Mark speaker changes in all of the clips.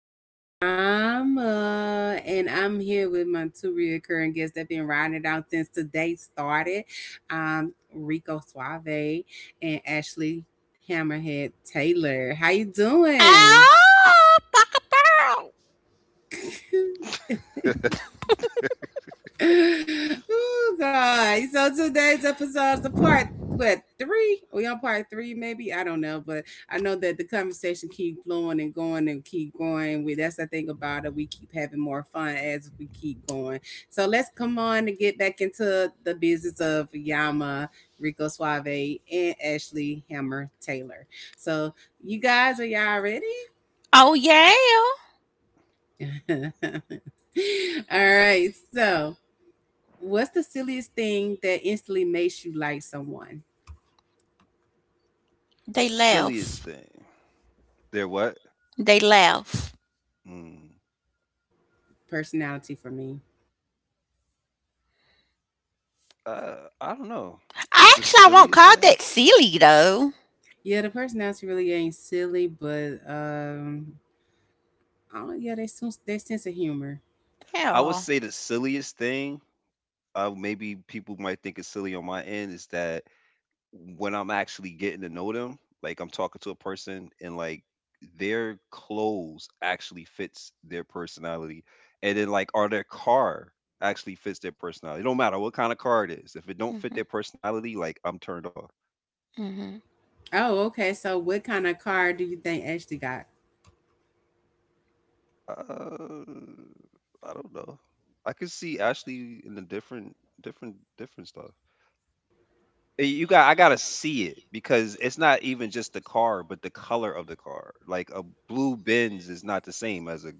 Speaker 1: kicking it with Yama, and I'm here with my two reoccurring guests that been riding it out since the day started. Rico Suave and Ashley Hammerhead Taylor. How you doing?
Speaker 2: Oh, fuck a pearl.
Speaker 1: Oh God. So today's episode is a part what three? We on part three, maybe? I don't know, but I know that the conversation keep flowing and going and keep going. We That's the thing about it. We keep having more fun as we keep going. So let's come on and get back into the business of Yama, Rico Suave, and Ashley Hammer Taylor. So you guys, are y'all ready?
Speaker 2: Oh, yeah.
Speaker 1: All right, so what's the silliest thing that instantly makes you like someone?
Speaker 2: They
Speaker 3: Silliest
Speaker 2: laugh.
Speaker 3: thing. They're what?
Speaker 2: They laugh.
Speaker 3: Mm.
Speaker 1: Personality for me.
Speaker 3: Uh, I don't know. The
Speaker 2: Actually, I won't
Speaker 3: silliest
Speaker 2: call
Speaker 3: thing?
Speaker 2: that silly, though.
Speaker 1: Yeah, the personality really ain't silly, but oh yeah, they sense their sense of humor.
Speaker 3: I would
Speaker 2: Hell.
Speaker 3: say the silliest thing, maybe people might think it's silly on my end, is that when I'm actually getting to know them, like I'm talking to a person and like their clothes actually fits their personality. And then like or their car actually fits their personality. It don't matter what kind of car it is. If it don't fit
Speaker 2: Hmm.
Speaker 3: their personality, like I'm turned off.
Speaker 2: Hmm.
Speaker 1: Oh, okay. So, what kind of car do you think Ashley got?
Speaker 3: Uh, I don't know. I could see Ashley in a different, different stuff. Eh, you got, I gotta see it because it's not even just the car, but the color of the car. Like a blue Benz is not the same as a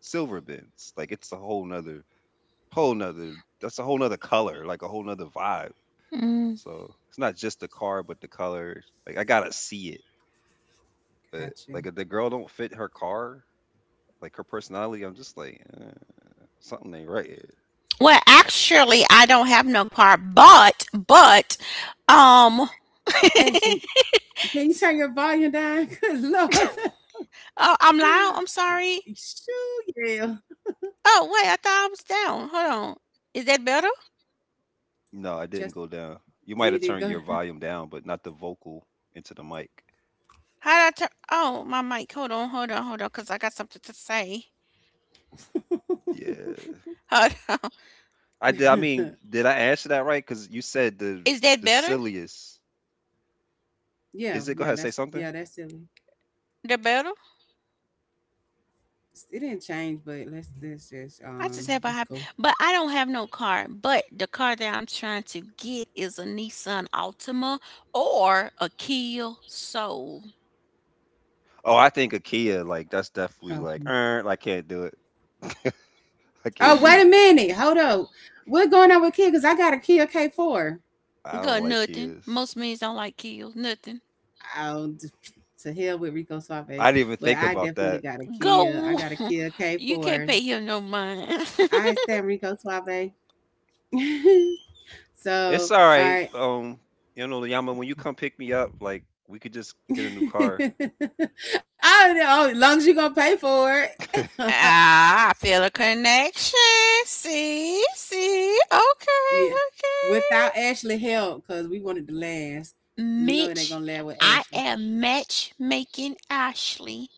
Speaker 3: silver Benz. Like it's a whole nother, whole nother. That's a whole nother color, like a whole nother vibe.
Speaker 2: Mm.
Speaker 3: So it's not just the car, but the color. Like I gotta see it. But
Speaker 1: Got you,
Speaker 3: like if the girl don't fit her car, like her personality, I'm just like eh, something ain't right.
Speaker 2: Well, actually, I don't have no car, but, um, oh,
Speaker 1: Ashley. Can you turn your volume down? Good Lord.
Speaker 2: I'm loud. I'm sorry.
Speaker 1: Shoo, yeah.
Speaker 2: Oh, wait, I thought I was down. Hold on. Is that better?
Speaker 3: No, I didn't
Speaker 1: Just
Speaker 3: go down. You might have
Speaker 1: Did it
Speaker 3: turned
Speaker 1: go
Speaker 3: your volume down, but not the vocal into the mic.
Speaker 2: How'd I turn? Oh, my mic. Hold on, hold on, hold on, because I got something to say.
Speaker 1: down?
Speaker 3: Yeah.
Speaker 2: Hold on.
Speaker 3: I did. I mean, did I answer that right? Because you said
Speaker 2: Is that
Speaker 3: the
Speaker 2: better?
Speaker 3: silliest.
Speaker 1: yeah,
Speaker 3: Is it? Go ahead, say something.
Speaker 1: yeah, that's silly.
Speaker 2: The better?
Speaker 1: It didn't change, but let's let's just
Speaker 2: I just
Speaker 1: um
Speaker 2: have a
Speaker 1: let's
Speaker 2: high,
Speaker 1: go.
Speaker 2: but I don't have no car. But the car that I'm trying to get is a Nissan Altima or a Kia Soul.
Speaker 3: Oh, I think a
Speaker 1: Oh,
Speaker 3: Kia.
Speaker 1: mm.
Speaker 3: Like that's definitely like. I can't do it.
Speaker 1: Oh, wait a
Speaker 3: I can't
Speaker 1: minute,
Speaker 2: Go
Speaker 3: do
Speaker 1: hold
Speaker 3: it.
Speaker 1: up. What's going on with Kia? Cause I got a Kia K4.
Speaker 3: I don't like
Speaker 2: nothing.
Speaker 3: Kias.
Speaker 2: Most men don't like Kios. Nothing.
Speaker 1: Oh, d- to hell with Rico Suave,
Speaker 3: I didn't even
Speaker 1: but
Speaker 3: think
Speaker 1: I
Speaker 3: about
Speaker 1: definitely
Speaker 3: that.
Speaker 1: got a Kia. I
Speaker 2: Go.
Speaker 1: got a Kia K
Speaker 2: You can't
Speaker 1: four.
Speaker 2: pay him no mind.
Speaker 1: I understand Rico Suave.
Speaker 3: It's
Speaker 1: So
Speaker 3: all
Speaker 1: all
Speaker 3: right.
Speaker 1: right.
Speaker 3: You know, Yama, when you come pick me up, like we could just get a new car.
Speaker 1: I don't know. As long as you're gonna pay for it,
Speaker 2: Ah, I feel a connection. See, see. Okay,
Speaker 1: yeah, without
Speaker 2: okay.
Speaker 1: Ashley help, cause we wanted to last. We know it ain't
Speaker 2: Mitch,
Speaker 1: gonna last with
Speaker 2: I
Speaker 1: Ashley.
Speaker 2: am matchmaking Ashley.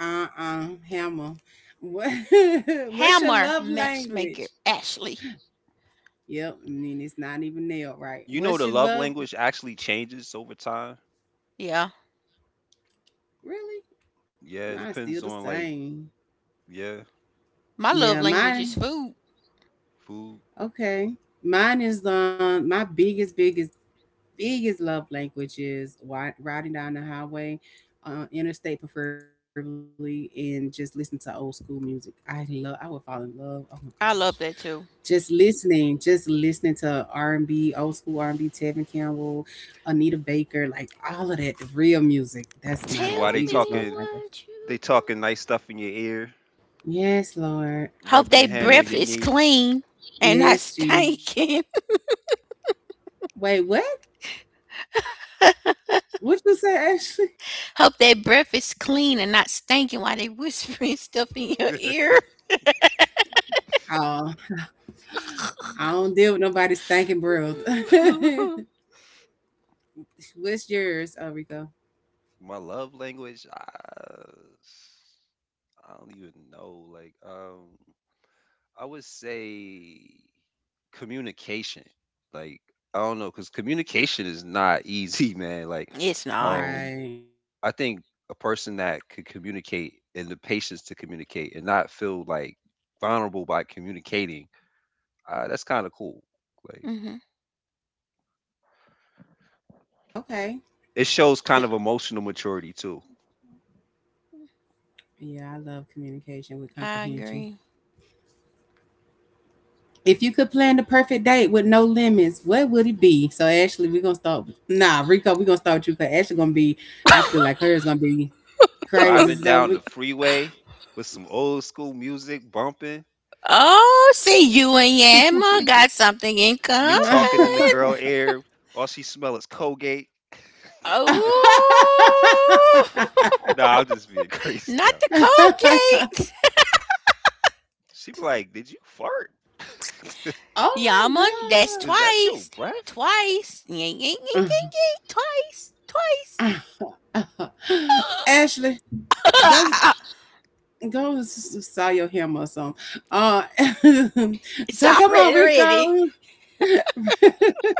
Speaker 1: Hammer. What what's your
Speaker 2: Hammer
Speaker 1: love language?
Speaker 2: matchmaker Ashley.
Speaker 1: Yep, and then it's not even nailed right.
Speaker 3: You know, the
Speaker 1: What's your
Speaker 3: love
Speaker 1: love?
Speaker 3: language actually changes over time.
Speaker 2: Yeah,
Speaker 1: Really?
Speaker 3: Yeah, it
Speaker 1: Mine's still the
Speaker 3: depends on like
Speaker 1: same.
Speaker 3: yeah.
Speaker 2: my
Speaker 1: Yeah,
Speaker 2: love language is
Speaker 1: mine.
Speaker 2: food.
Speaker 3: Food.
Speaker 1: Okay, mine is my biggest love language is riding down the highway, interstate preferably, and just listen to old school music. I love. I would fall in love. Oh my gosh,
Speaker 2: I love that
Speaker 1: just
Speaker 2: too.
Speaker 1: listening, just listening to R&B, old school R&B, Tevin Campbell, Anita Baker, like all of that real music. That's my
Speaker 3: And while
Speaker 2: Tell
Speaker 1: biggest love
Speaker 2: me
Speaker 1: language.
Speaker 2: what
Speaker 3: they
Speaker 2: you
Speaker 3: talking
Speaker 2: want.
Speaker 3: nice stuff in your ear,
Speaker 1: Yes, Lord.
Speaker 2: Hope
Speaker 3: rubbing their
Speaker 2: that
Speaker 3: hand on
Speaker 2: breath
Speaker 3: your
Speaker 2: is
Speaker 3: knee.
Speaker 2: clean and not
Speaker 1: Yes, Jesus.
Speaker 2: stinking.
Speaker 1: Wait, what? What you say, Ashley?
Speaker 2: Hope their breath is clean and not stinking while they whispering stuff in your ear.
Speaker 1: Oh, I don't deal with nobody's thinking breath. What's yours, Rico?
Speaker 3: My love language, I don't even know. Like, I would say communication. Like, I don't know, because communication is not easy, man. Like,
Speaker 2: It's not.
Speaker 3: um,
Speaker 1: Right.
Speaker 3: I think a person that could communicate and the patience to communicate and not feel like vulnerable by communicating, that's kind of cool. Like,
Speaker 2: Hmm.
Speaker 1: Okay.
Speaker 3: it shows kind of emotional maturity too.
Speaker 1: Yeah, I love communication with
Speaker 2: I
Speaker 1: comprehension.
Speaker 2: agree.
Speaker 1: If you could plan the perfect date with no limits, what would it be? So Ashley, we're gonna start. With, nah, Rico, we're gonna start with you because Ashley gonna be. I feel like hers gonna be crazy.
Speaker 3: Driving
Speaker 1: So
Speaker 3: down
Speaker 1: we.
Speaker 3: the freeway with some old school music bumping,
Speaker 2: Oh, see, you and Yama got something in common.
Speaker 3: me talking in the girl ear, all she smell is Colgate.
Speaker 2: Oh,
Speaker 3: Nah, I'm just being crazy,
Speaker 2: not
Speaker 3: y'all.
Speaker 2: the Colgate.
Speaker 3: She be like, "Did you fart?
Speaker 2: Yama,
Speaker 1: Oh
Speaker 2: that's
Speaker 3: Is that your
Speaker 2: twice.
Speaker 3: breath?"
Speaker 2: Twice. Ying, ying, ying, ying, ying. Twice. Twice.
Speaker 1: my God, Ashley, go Go style your hair or something. Uh,
Speaker 2: It's
Speaker 1: so come on,
Speaker 2: already
Speaker 1: Rico.
Speaker 2: ready.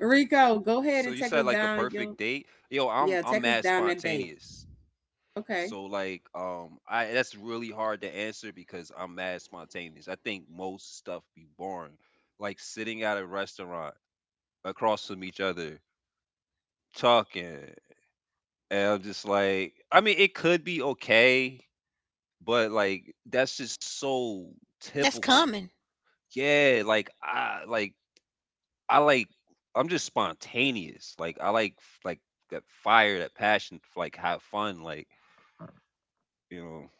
Speaker 1: Rico, go ahead
Speaker 3: So
Speaker 1: and
Speaker 3: you
Speaker 1: take us
Speaker 3: said like a
Speaker 1: down your
Speaker 3: perfect date? Yo,
Speaker 1: yeah,
Speaker 3: I'm
Speaker 1: take us
Speaker 3: mad
Speaker 1: down that date.
Speaker 3: spontaneous.
Speaker 1: Okay.
Speaker 3: So like I that's really hard to answer because I'm mad spontaneous. I think most stuff be boring. Like sitting at a restaurant across from each other, talking, and I'm just like I mean it could be okay, but like that's just so
Speaker 2: That's
Speaker 3: typical.
Speaker 2: coming.
Speaker 3: Yeah, I like I'm just spontaneous. Like I like that fire, that passion, like have fun, like you know.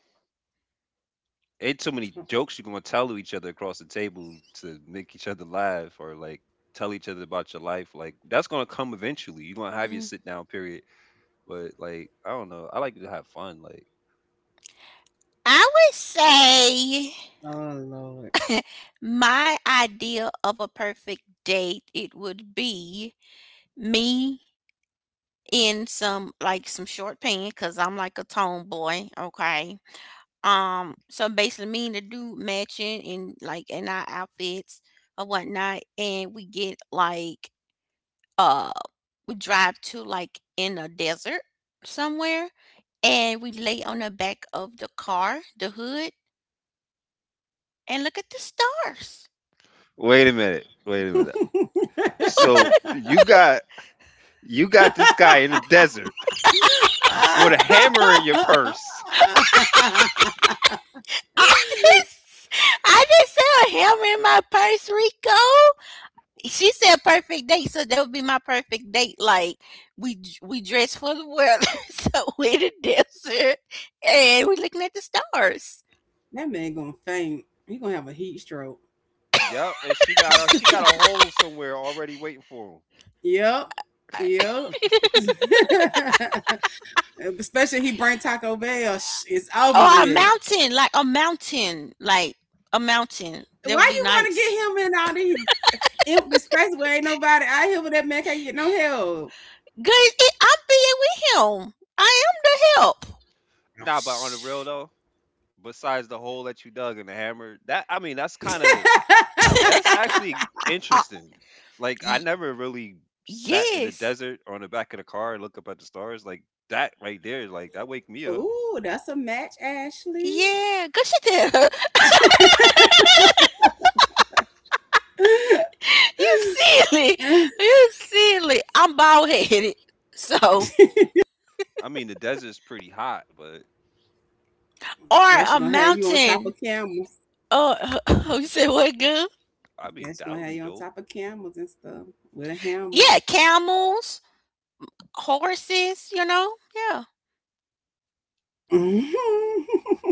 Speaker 3: Ain't so many jokes you are gonna tell to each other across the table to make each other laugh or like tell each other about your life. Like that's gonna come eventually. You're gonna have your
Speaker 2: Mm.
Speaker 3: sit down period. But like, I don't know. I like to have fun. Like
Speaker 2: I would say
Speaker 1: Oh Lord.
Speaker 2: my idea of a perfect date, it would be me in some like some short pants because I'm like a tomboy, okay? So basically me and the dude matching in like in our outfits or whatnot, and we get like uh we drive to like in a desert somewhere and we lay on the back of the car, the hood, and look at the stars.
Speaker 3: wait a minute. Wait a minute. So
Speaker 2: What?
Speaker 3: you got this guy in the desert with a hammer in your purse.
Speaker 2: I just, I just saw a hammer in my purse, Rico. She said perfect date, so that would be my perfect date. Like we we dress for the world, so we're the desert, and we're looking at the stars.
Speaker 1: That man gonna faint. He gonna have a heat stroke.
Speaker 3: Yep, and she got a hole somewhere already waiting for him.
Speaker 1: Yep.
Speaker 2: Uh,
Speaker 1: Yep. Especially he bring Taco Bell. It's over
Speaker 2: Or a
Speaker 1: with.
Speaker 2: mountain, like a mountain, like a mountain. That would
Speaker 1: Why
Speaker 2: be
Speaker 1: you want to
Speaker 2: nice.
Speaker 1: get him in all these empty spaces where ain't nobody out here with that man can't get no help?
Speaker 2: Good, it, I'm being with him. I am the help.
Speaker 1: Oh,
Speaker 3: Nah, but on the real
Speaker 1: sh-
Speaker 3: though, besides the hole that you dug and the hammer, that I mean that's kind of that's actually
Speaker 2: Uh,
Speaker 3: interesting. Like I
Speaker 2: y-
Speaker 3: never really sat in the
Speaker 2: yes,
Speaker 3: desert on the back of the car and look up at the stars. Like that right there, like that wake me up.
Speaker 1: Ooh, that's a match, Ashley.
Speaker 2: yeah, good shit there. You silly. You silly. I'm bald headed. So,
Speaker 3: I mean the desert's pretty hot, but
Speaker 2: or
Speaker 1: Ashley gonna
Speaker 2: a
Speaker 1: have you on top of
Speaker 2: mountain.
Speaker 1: camels.
Speaker 2: Uh, you said what good?
Speaker 3: I mean
Speaker 1: Ashley
Speaker 3: that
Speaker 1: gonna
Speaker 3: would
Speaker 1: have
Speaker 3: be
Speaker 1: you on
Speaker 3: dope.
Speaker 1: top of camels and stuff with a hammer.
Speaker 2: Yeah, camels, horses, you know? Yeah.
Speaker 1: Mhm.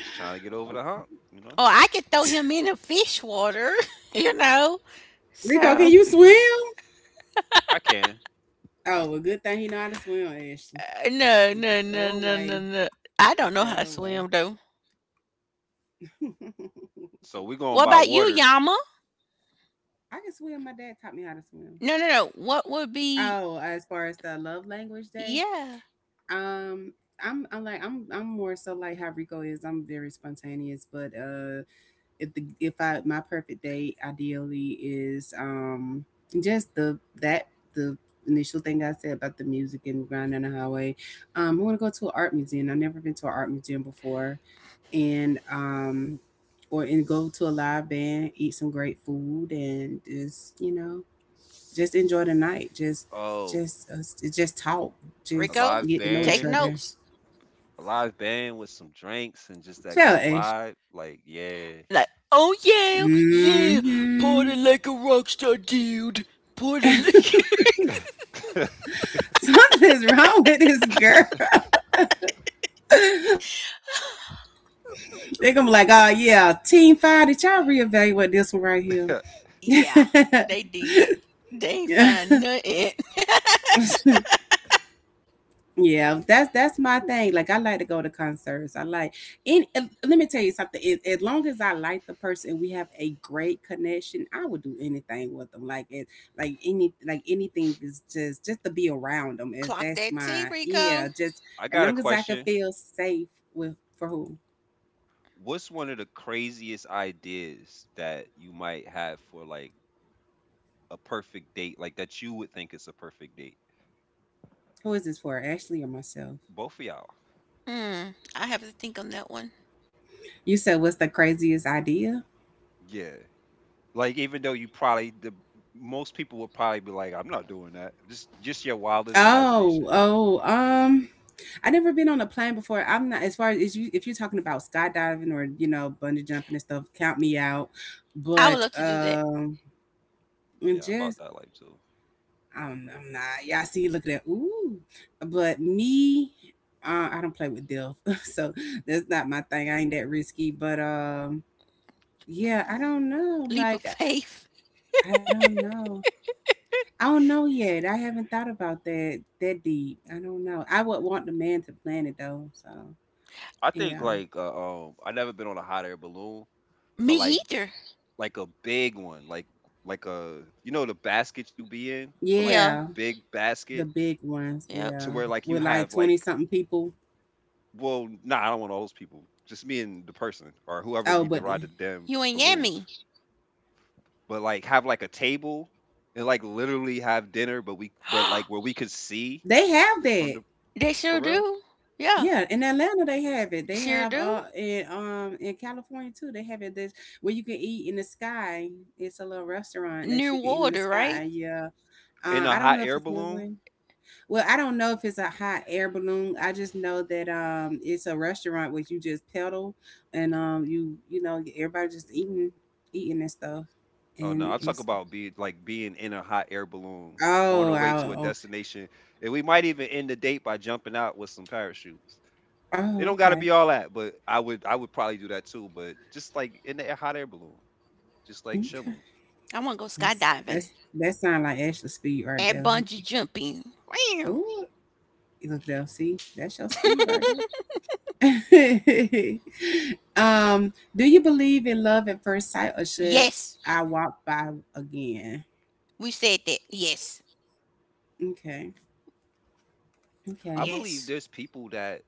Speaker 3: Just trying to get over the hump, you know?
Speaker 2: Or I could throw him in a fish water, you know? So,
Speaker 1: Rico, can you swim?
Speaker 3: I can.
Speaker 1: Oh, well, good thing you know how to swim, Ashley.
Speaker 2: no,
Speaker 1: You can
Speaker 2: no, no,
Speaker 1: throw
Speaker 2: no, no,
Speaker 1: away,
Speaker 2: no. I don't know how to
Speaker 1: throw away.
Speaker 2: swim, though.
Speaker 3: So we're going
Speaker 2: What
Speaker 3: by
Speaker 2: about you,
Speaker 3: water.
Speaker 2: Yama?
Speaker 1: I can swim. My dad taught me how to swim.
Speaker 2: No, no, no. What would be,
Speaker 1: Oh, as far as the love language day,
Speaker 2: yeah,
Speaker 1: um, I'm like I'm more so like how Rico is. I'm very spontaneous, but if I my perfect date ideally is just the initial thing I said about the music and grind on the highway. I want to go to an art museum. I've never been to an art museum before, and um. , and go to a live band, eat some great food, and just you know just enjoy the night. Just,
Speaker 3: Oh,
Speaker 1: just, us just talk.
Speaker 3: a
Speaker 1: Just
Speaker 2: Rico,
Speaker 3: live
Speaker 1: get to know each
Speaker 2: take
Speaker 3: band.
Speaker 1: other.
Speaker 2: notes.
Speaker 3: A live band with some drinks and just that
Speaker 1: Chill,
Speaker 3: good
Speaker 1: Ash.
Speaker 3: vibe. Like, yeah.
Speaker 2: Like, oh, yeah. Party
Speaker 1: Hmm.
Speaker 2: like a rockstar, dude. Party
Speaker 3: Mm.
Speaker 2: like.
Speaker 1: Something is wrong with this girl. They gonna be like, oh yeah, Team 5. Did y'all reevaluate this one right here?
Speaker 2: Yeah, they did. They ain't
Speaker 1: Yeah.
Speaker 2: find nothing.
Speaker 1: Yeah, that's my thing. Like I like to go to concerts. I like any let me tell you something. As long as I like the person, we have a great connection. I would do anything with them. Like it, like any like anything is just to be around them. Is
Speaker 2: Clock
Speaker 1: That's
Speaker 2: that T,
Speaker 1: my, yeah.
Speaker 2: Rico.
Speaker 1: Just
Speaker 3: I
Speaker 1: as
Speaker 3: got a
Speaker 1: long as I can
Speaker 3: question.
Speaker 1: feel safe with for who
Speaker 3: What's one of the craziest ideas that you might have for like a perfect date, like that you would think is a perfect date?
Speaker 1: who is this for? Ashley or myself?
Speaker 3: Both of y'all.
Speaker 2: Hmm, I have to think on that one.
Speaker 1: You said what's the craziest idea?
Speaker 3: Yeah. Like even though you probably the most people would probably be like, I'm not doing that. Just your wildest
Speaker 1: Oh
Speaker 3: imagination.
Speaker 1: oh um. I never been on a plane before. I'm not as far as you if you're talking about skydiving or bungee jumping and stuff, count me out.
Speaker 2: I would
Speaker 1: But
Speaker 2: love to do that.
Speaker 1: and
Speaker 3: Yeah, I'm about
Speaker 1: just
Speaker 3: that life too.
Speaker 1: I'm not. Y'all see, look at that. Ooh, but me, I don't play with death, so that's not my thing. I ain't that risky. But yeah, I don't know.
Speaker 2: Leap of
Speaker 1: Like
Speaker 2: faith.
Speaker 1: I don't know. I don't know yet. I haven't thought about that that deep. I don't know. I would want the man to plan it though. So
Speaker 3: I
Speaker 1: yeah.
Speaker 3: think like I never been on a hot air balloon,
Speaker 2: Me
Speaker 3: but
Speaker 2: either.
Speaker 3: like a big one, like a you know the basket you be in, but like a
Speaker 2: Yeah,
Speaker 1: Yeah.
Speaker 3: big basket
Speaker 1: The big ones,
Speaker 2: yep.
Speaker 3: to
Speaker 1: yeah,
Speaker 3: where like you
Speaker 1: with
Speaker 3: have
Speaker 1: like twenty
Speaker 3: like
Speaker 1: something people.
Speaker 3: well, nah, I don't want all those people. Just me and the person or whoever
Speaker 1: Oh,
Speaker 3: need to
Speaker 1: but
Speaker 3: ride the damn
Speaker 2: You and
Speaker 3: balloon.
Speaker 2: Yami.
Speaker 3: But like have like a table and like literally have dinner, but we but like where we could see
Speaker 1: they have
Speaker 3: from
Speaker 1: that.
Speaker 3: the
Speaker 2: They sure
Speaker 3: for real
Speaker 2: do. Yeah,
Speaker 1: Yeah, in Atlanta they have it. They
Speaker 2: sure
Speaker 1: have
Speaker 2: do.
Speaker 1: in California too. They have it this where you can eat in the sky. It's a little restaurant that
Speaker 2: Near
Speaker 1: you can eat in the
Speaker 2: water, right?
Speaker 1: sky. Yeah.
Speaker 3: in a
Speaker 1: I don't
Speaker 3: hot
Speaker 1: know if
Speaker 3: air
Speaker 1: it's new
Speaker 3: balloon.
Speaker 1: one. Well, I don't know if it's a hot air balloon. I just know that it's a restaurant where you just pedal and everybody just eating and stuff
Speaker 3: Oh no,
Speaker 1: and
Speaker 3: I talk
Speaker 1: it's
Speaker 3: about be like being in a hot air balloon on
Speaker 1: oh
Speaker 3: our way
Speaker 1: I,
Speaker 3: to a
Speaker 1: oh,
Speaker 3: destination, and we might even end the date by jumping out with some parachutes. It
Speaker 1: oh,
Speaker 3: don't got to
Speaker 1: okay.
Speaker 3: be all that, but I would probably do that too. But just like in the air- hot air balloon, just like
Speaker 1: Okay.
Speaker 3: chilling.
Speaker 2: I want to go
Speaker 1: That's
Speaker 2: skydiving
Speaker 1: that's that sound like Ashley speed right
Speaker 2: and
Speaker 1: there.
Speaker 2: bungee jumping. Wow.
Speaker 1: Ooh, you look there. See, that's your speed right there. Do you believe in love at first sight, or should
Speaker 2: Yes,
Speaker 1: I walk by again?
Speaker 2: we said that. Yes,
Speaker 1: Okay.
Speaker 3: I
Speaker 1: Okay.
Speaker 3: believe
Speaker 2: yes.
Speaker 3: there's people that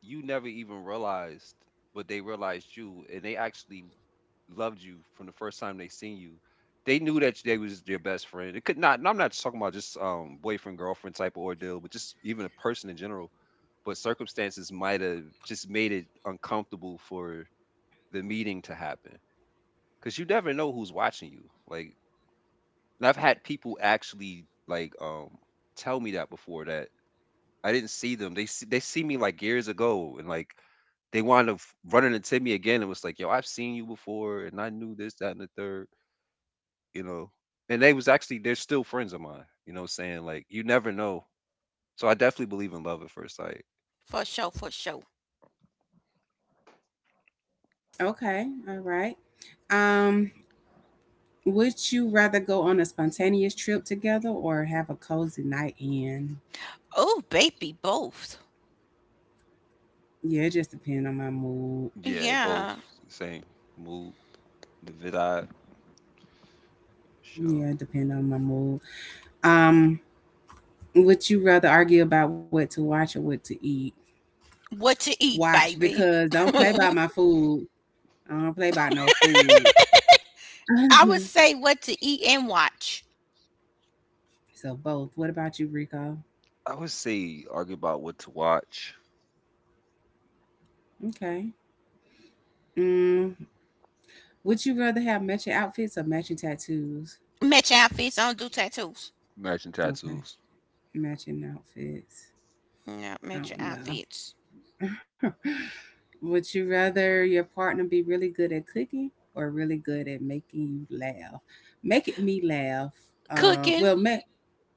Speaker 3: you never even realized but they realized you and they actually loved you from the first time they seen you. They knew that they was their best friend it could not, and I'm not just talking about just boyfriend girlfriend type of ordeal, but just even a person in general, but circumstances might have just made it uncomfortable for the meeting to happen, because you never know who's watching you. Like, and I've had people actually like tell me that before, that I didn't see them. They see me like years ago, and like they wound up running into me again and was like, "Yo, I've seen you before, and I knew this, that, and the third, you know." And they was actually they're still friends of mine. You know, what I'm saying, like you never know. So I definitely believe in love at first sight.
Speaker 2: For sure, for sure.
Speaker 1: Okay. All right. Um, would you rather go on a spontaneous trip together or have a cozy night in?
Speaker 2: Oh, baby, both.
Speaker 1: Yeah, it just depends on my mood.
Speaker 3: Yeah, both
Speaker 2: Yeah.
Speaker 3: same mood, the vid eye show.
Speaker 1: Yeah, it depends on my mood. Um, Would you rather argue about what to watch or what to eat?
Speaker 2: What to eat,
Speaker 1: Watch
Speaker 2: baby.
Speaker 1: because don't play about
Speaker 2: I
Speaker 1: my food. I don't play about no food.
Speaker 2: would say what to eat and watch.
Speaker 1: So both. What about you, Rico?
Speaker 3: I would say argue about what to watch.
Speaker 1: Okay. Mm, would you rather have matching outfits or matching tattoos?
Speaker 2: Match outfits. I don't do tattoos.
Speaker 3: Matching
Speaker 1: Okay.
Speaker 3: tattoos.
Speaker 1: Matching outfits.
Speaker 2: No,
Speaker 1: I
Speaker 2: match your
Speaker 1: don't
Speaker 2: outfits.
Speaker 1: know. Would you rather your partner be really good at cooking or really good at making you laugh? Making me laugh.
Speaker 2: Cooking.
Speaker 1: Well, make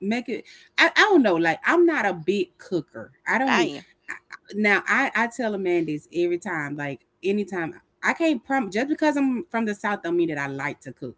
Speaker 1: make it. I don't know. Like I'm not a big cooker. I
Speaker 2: I
Speaker 1: don't.
Speaker 2: am.
Speaker 1: Now I tell a man this every time. Like anytime. I can't prom just because I'm from the South don't mean that I like to cook.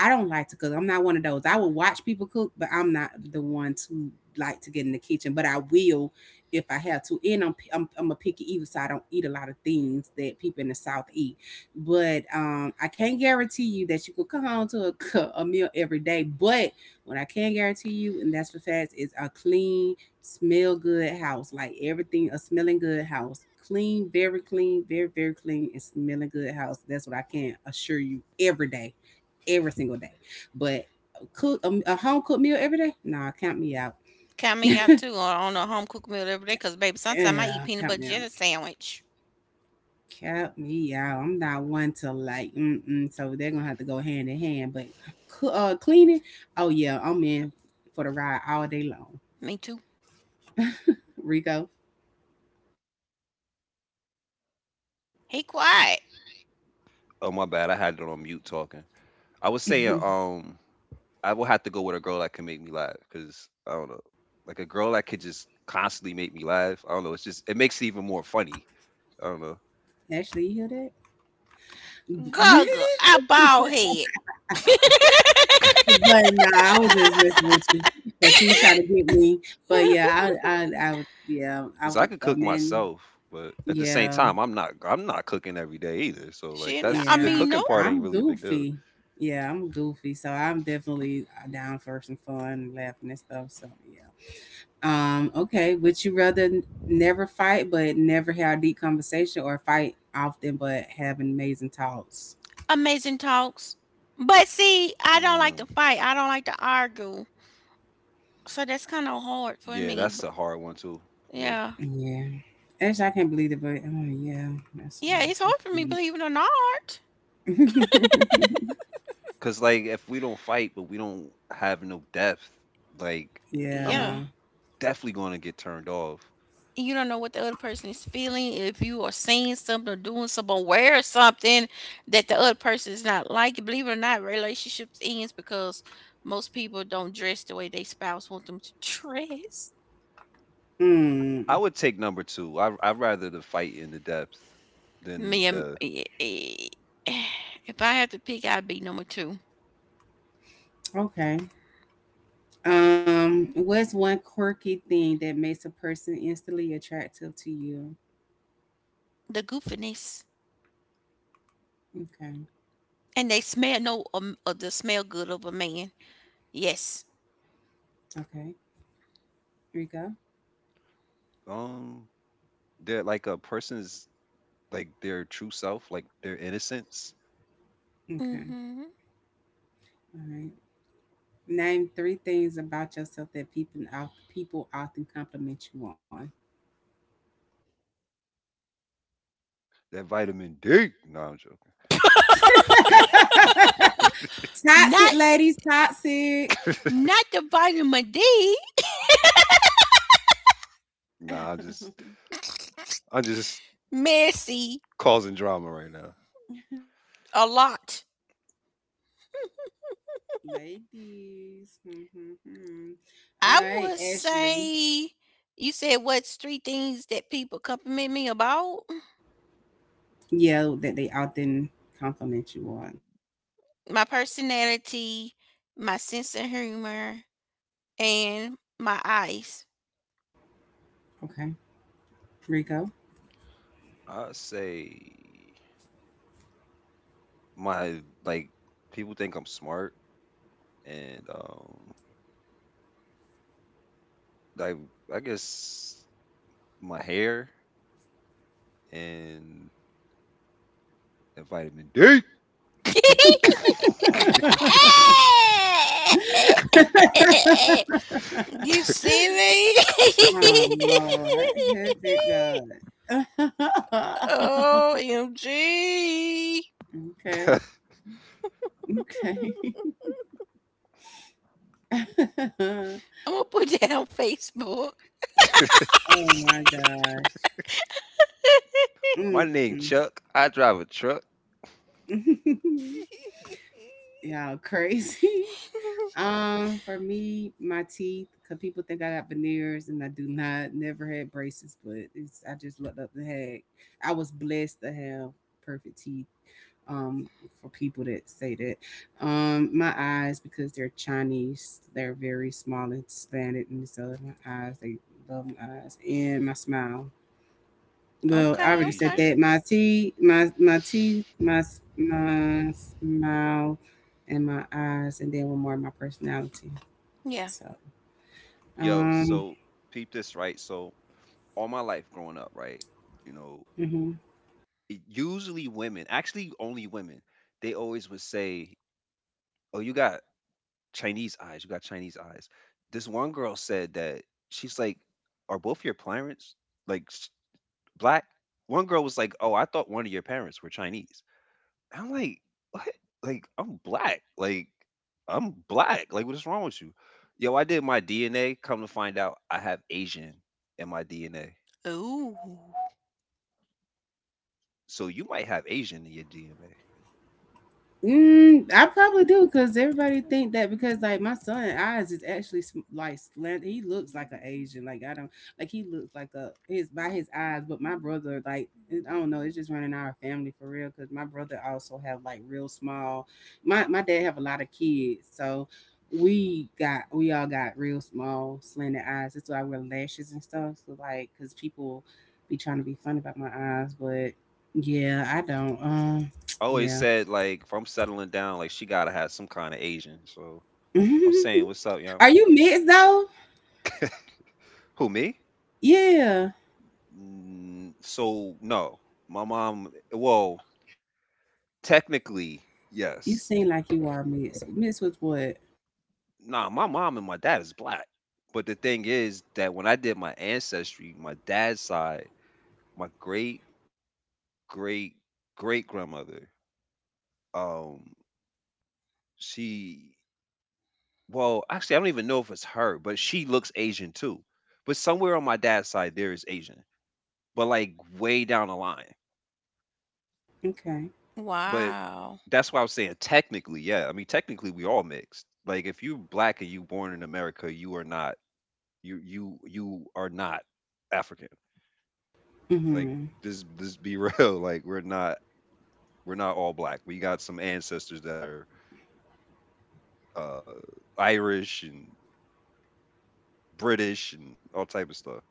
Speaker 1: I don't like to cook. I'm not one of those. I will watch people cook, but I'm not the one to like to get in the kitchen. But I will if I have to. And I'm a picky eater, so I don't eat a lot of things that people in the South eat. But I can't guarantee you that you could come home to a meal every day. But what I can guarantee you, and that's for facts, is a clean, smell good house. Like everything, a smelling good house. Clean, very very clean, and smelling good house. That's what I can assure you every day, every single day. But cook a home cooked meal every day? Nah, count me out.
Speaker 2: Count me out too on a home cooked meal every day because, baby, sometimes I eat
Speaker 1: Yeah,
Speaker 2: peanut
Speaker 1: count
Speaker 2: butter
Speaker 1: me out.
Speaker 2: jelly sandwich.
Speaker 1: Cap me out. I'm not one to like, mm-mm, so they're gonna have to go hand in hand. But cleaning, oh yeah, I'm in for the ride all day long.
Speaker 2: Me too.
Speaker 1: Rico,
Speaker 2: He quiet.
Speaker 3: Oh my bad, I had it on mute talking. I was saying, I will have to go with a girl that can make me laugh because I don't know, like a girl that could just constantly make me laugh. I don't know. It's just it makes it even more funny. I don't know
Speaker 1: actually, you hear that?
Speaker 2: Guggle. I bald head.
Speaker 1: But nah, I was just messing with you because you were trying to get me. But yeah, yeah, I
Speaker 3: because I
Speaker 1: would
Speaker 3: could cook
Speaker 1: amend.
Speaker 3: myself, but at the same
Speaker 1: Yeah,
Speaker 3: time, I'm not cooking every day either. So like
Speaker 2: She,
Speaker 3: that's
Speaker 2: I
Speaker 3: the
Speaker 1: yeah,
Speaker 2: mean, no.
Speaker 3: cooking part ain't
Speaker 1: I'm
Speaker 3: really a big deal.
Speaker 1: goofy. Yeah, I'm goofy, so I'm definitely down for some fun, laughing and stuff. So yeah. Okay, would you rather never fight but never have deep conversation or fight often but have amazing talks?
Speaker 2: Amazing talks. But see, I don't like to
Speaker 3: Mm,
Speaker 2: fight. I don't like to argue. So that's kind of hard for
Speaker 3: yeah,
Speaker 2: me.
Speaker 3: that's a hard one too for me.
Speaker 2: Yeah.
Speaker 1: Yeah. Actually, I can't believe it, but oh yeah, that's uh,
Speaker 2: Yeah, it's
Speaker 1: that's
Speaker 2: hard for me, believe it or not.
Speaker 1: deep.
Speaker 3: Cause like if we don't fight, but we don't have no depth, like I'm
Speaker 1: Yeah.
Speaker 2: Yeah.
Speaker 3: definitely gonna get turned off.
Speaker 2: You don't know what the other person is feeling. If you are seeing something or doing something, or wear something that the other person is not liking, believe it or not, relationships ends because most people don't dress the way they spouse want them to dress.
Speaker 1: Hmm.
Speaker 3: I would take number two. I rather the fight in the depth than
Speaker 2: Me, and-
Speaker 3: the
Speaker 2: eh, eh, eh, if I had to pick, I'd be number two.
Speaker 1: Okay. What's one quirky thing that makes a person instantly attractive to you?
Speaker 2: The goofiness.
Speaker 1: Okay.
Speaker 2: And they smell, no, the smell good of a man. Yes.
Speaker 1: Okay. Here we go.
Speaker 3: um they're like a person's like their true self, like their innocence.
Speaker 1: Okay.
Speaker 2: Mm-hmm.
Speaker 1: All right. Name three things about yourself that people often compliment you on.
Speaker 3: That vitamin D. No, I'm joking.
Speaker 1: Toxic
Speaker 2: Not
Speaker 1: ladies, toxic
Speaker 2: not the vitamin D,
Speaker 3: Nah, I'm just
Speaker 2: messy
Speaker 3: causing drama right now.
Speaker 2: a lot.
Speaker 1: ladies. Mm-hmm. All
Speaker 2: I
Speaker 1: right,
Speaker 2: would
Speaker 1: Ashley.
Speaker 2: say you said what's three things that people compliment me about?
Speaker 1: Yeah, that they often compliment you on.
Speaker 2: My personality, my sense of humor, and my eyes.
Speaker 1: Okay, Rico.
Speaker 3: I say my like people think I'm smart and like I guess my hair and that vitamin D.
Speaker 2: You see me?
Speaker 1: Oh Lord, perfect God.
Speaker 2: OMG.
Speaker 1: Okay, okay.
Speaker 2: I'm going to put that on Facebook.
Speaker 1: Oh my gosh.
Speaker 3: My name
Speaker 1: Mm,
Speaker 3: Chuck. I drive a truck.
Speaker 1: mm. Y'all crazy. For me, my teeth, because people think I got veneers and I do not, never had braces, but it's I just looked up and had I was blessed to have perfect teeth. Um, for people that say that. My eyes, because they're Chinese, they're very small and slanted, and so my eyes, they love my eyes. And my smile.
Speaker 3: You
Speaker 1: Well, I
Speaker 3: have
Speaker 2: Okay,
Speaker 1: already said
Speaker 2: okay.
Speaker 1: that.
Speaker 3: Asian.
Speaker 1: My teeth, my teeth, my smile, and my eyes, and then one more, my personality.
Speaker 2: Yeah.
Speaker 1: So,
Speaker 3: Yo,
Speaker 1: um,
Speaker 3: so peep this right. So all my life growing up, right? You know,
Speaker 1: mhm.
Speaker 3: it, usually women, actually only women, they always would say, "Oh, you got Chinese eyes. You got Chinese eyes." This one girl said that she's like, "Are both your parents like s- black?" One girl was like, "Oh, I thought one of your parents were Chinese." I'm like, "What? Like, I'm black. Like, I'm black. Like, what is wrong with you? Yo, I did my DNA. Come to find out, I have Asian in my DNA.
Speaker 2: Ooh.
Speaker 3: So you might have Asian in your DNA.
Speaker 1: Mm, I probably do because everybody think that because like my son eyes is actually like slant. He looks like an Asian. Like I don't like he looks like a his by his eyes. But my brother like I don't know. It's just running our family for real because my brother also have like real small. My dad have a lot of kids, so we all got real small slanted eyes. That's why I wear lashes and stuff. So like because people be trying to be funny about my eyes, but yeah, I don't.
Speaker 3: Always
Speaker 1: Yeah.
Speaker 3: said, like, if I'm settling down, like, she gotta have some kind of Asian. So I'm saying, what's up, yo?
Speaker 1: Are you mixed though?
Speaker 3: Who, me?
Speaker 1: Yeah.
Speaker 3: Mm, so, no. My mom, well, technically,
Speaker 1: You
Speaker 3: yes.
Speaker 1: seem like you are mixed. Mixed with what?
Speaker 3: Nah, my mom and my dad is black. But the thing is that when I did my ancestry, my dad's side, my great great great grandmother, um, she well, actually I don't even know if it's her, but she looks Asian too. But somewhere on my dad's side there is Asian. But like way down the line.
Speaker 1: Okay.
Speaker 3: But
Speaker 2: Wow.
Speaker 3: that's why I was saying technically, yeah. I mean technically we all mixed. Like if you black and you born in America, you are not you are not African. Like
Speaker 1: Mm-hmm.
Speaker 3: this be real. Like we're not all black. We got some ancestors that are uh Irish and British and all type of stuff.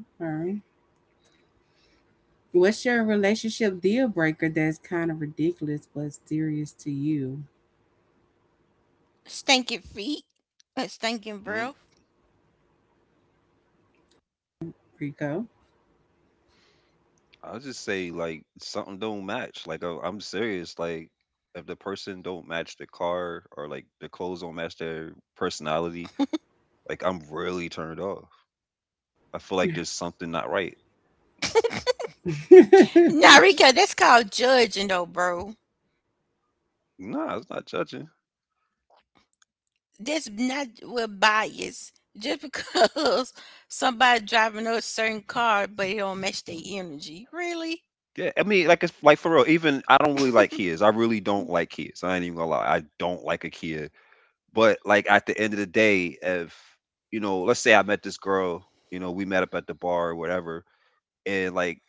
Speaker 1: All right. What's your relationship deal breaker that's kind of ridiculous but serious to you,
Speaker 2: Stinking feet. A stinking
Speaker 3: Mm,
Speaker 2: breath.
Speaker 1: Rico?
Speaker 3: I'll just say like something don't match. Like I- I'm serious. Like if the person don't match the car or like their clothes don't match their personality, like I'm really turned off. I feel like there's something not right.
Speaker 2: Nah, Rico, that's called judging, though, bro.
Speaker 3: Nah, it's not judging.
Speaker 2: That's not with bias. Just because somebody driving a certain car, but it don't match their energy. Really?
Speaker 3: Yeah, I mean, like it's like for real. Even I don't really like Kias. I really don't like Kias. I ain't even gonna lie. I don't like a Kia, but like at the end of the day, if you know, let's say I met this girl, you know, we met up at the bar or whatever, and like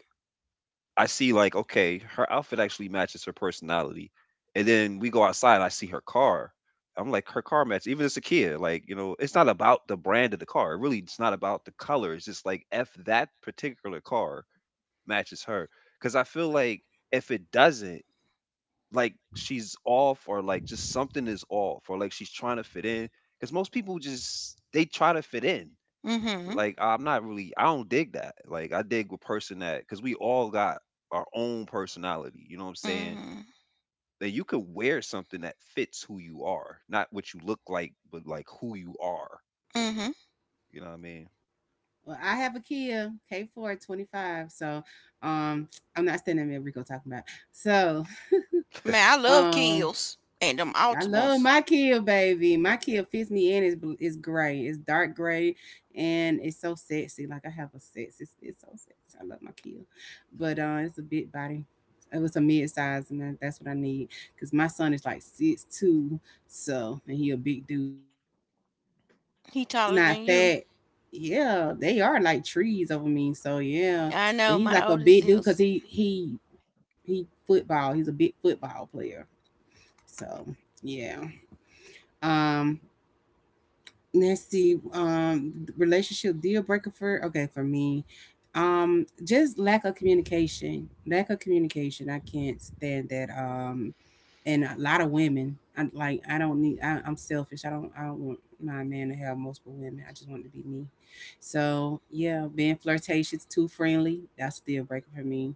Speaker 3: I see, like, okay, her outfit actually matches her personality, and then we go outside, I see her car, I'm like, her car matches, even it's a Kia, like, you know, it's not about the brand of the car, really, it's not about the color, it's just like if that particular car matches her, because I feel like if it doesn't, like she's off, or like just something is off, or like she's trying to fit in, because most people just they try to fit in.
Speaker 2: Mm-hmm.
Speaker 3: Like, I'm not really, I don't dig that. Like, I dig a person that, because we all got our own personality, you know what I'm saying,
Speaker 2: Mm-hmm.
Speaker 3: that you could wear something that fits who you are, not what you look like, but like who you are.
Speaker 2: Mm-hmm.
Speaker 3: You know what I mean?
Speaker 1: Well, I have a Kia k 4 25. So um I'm not standing there Rico talking about. So,
Speaker 2: Man, I love
Speaker 1: um
Speaker 2: Kills and them
Speaker 1: I love
Speaker 2: Altimas.
Speaker 1: my kid, baby. My kid fits me in. It's gray. It's dark gray, and it's so sexy. Like I have a sex. It's so sexy. I love my kid, but it's a big body. It was a mid size, and that's what I need because my son is like 6'2", so and he a big dude.
Speaker 2: He
Speaker 1: He's
Speaker 2: taller
Speaker 1: not
Speaker 2: than you.
Speaker 1: fat. Yeah, they are like trees over me. So yeah,
Speaker 2: I know
Speaker 1: but he's
Speaker 2: my
Speaker 1: like a
Speaker 2: oldest
Speaker 1: big dude
Speaker 2: is.
Speaker 1: because he football. He's a big football player. So yeah. Um. Let's see, relationship deal breaker for, okay, for me, just lack of communication. I can't stand that, and a lot of women I like I don't need. I'm selfish. I don't want my man to have multiple women. I just want it to be me. So yeah, being flirtatious, too friendly, that's a deal breaker for me.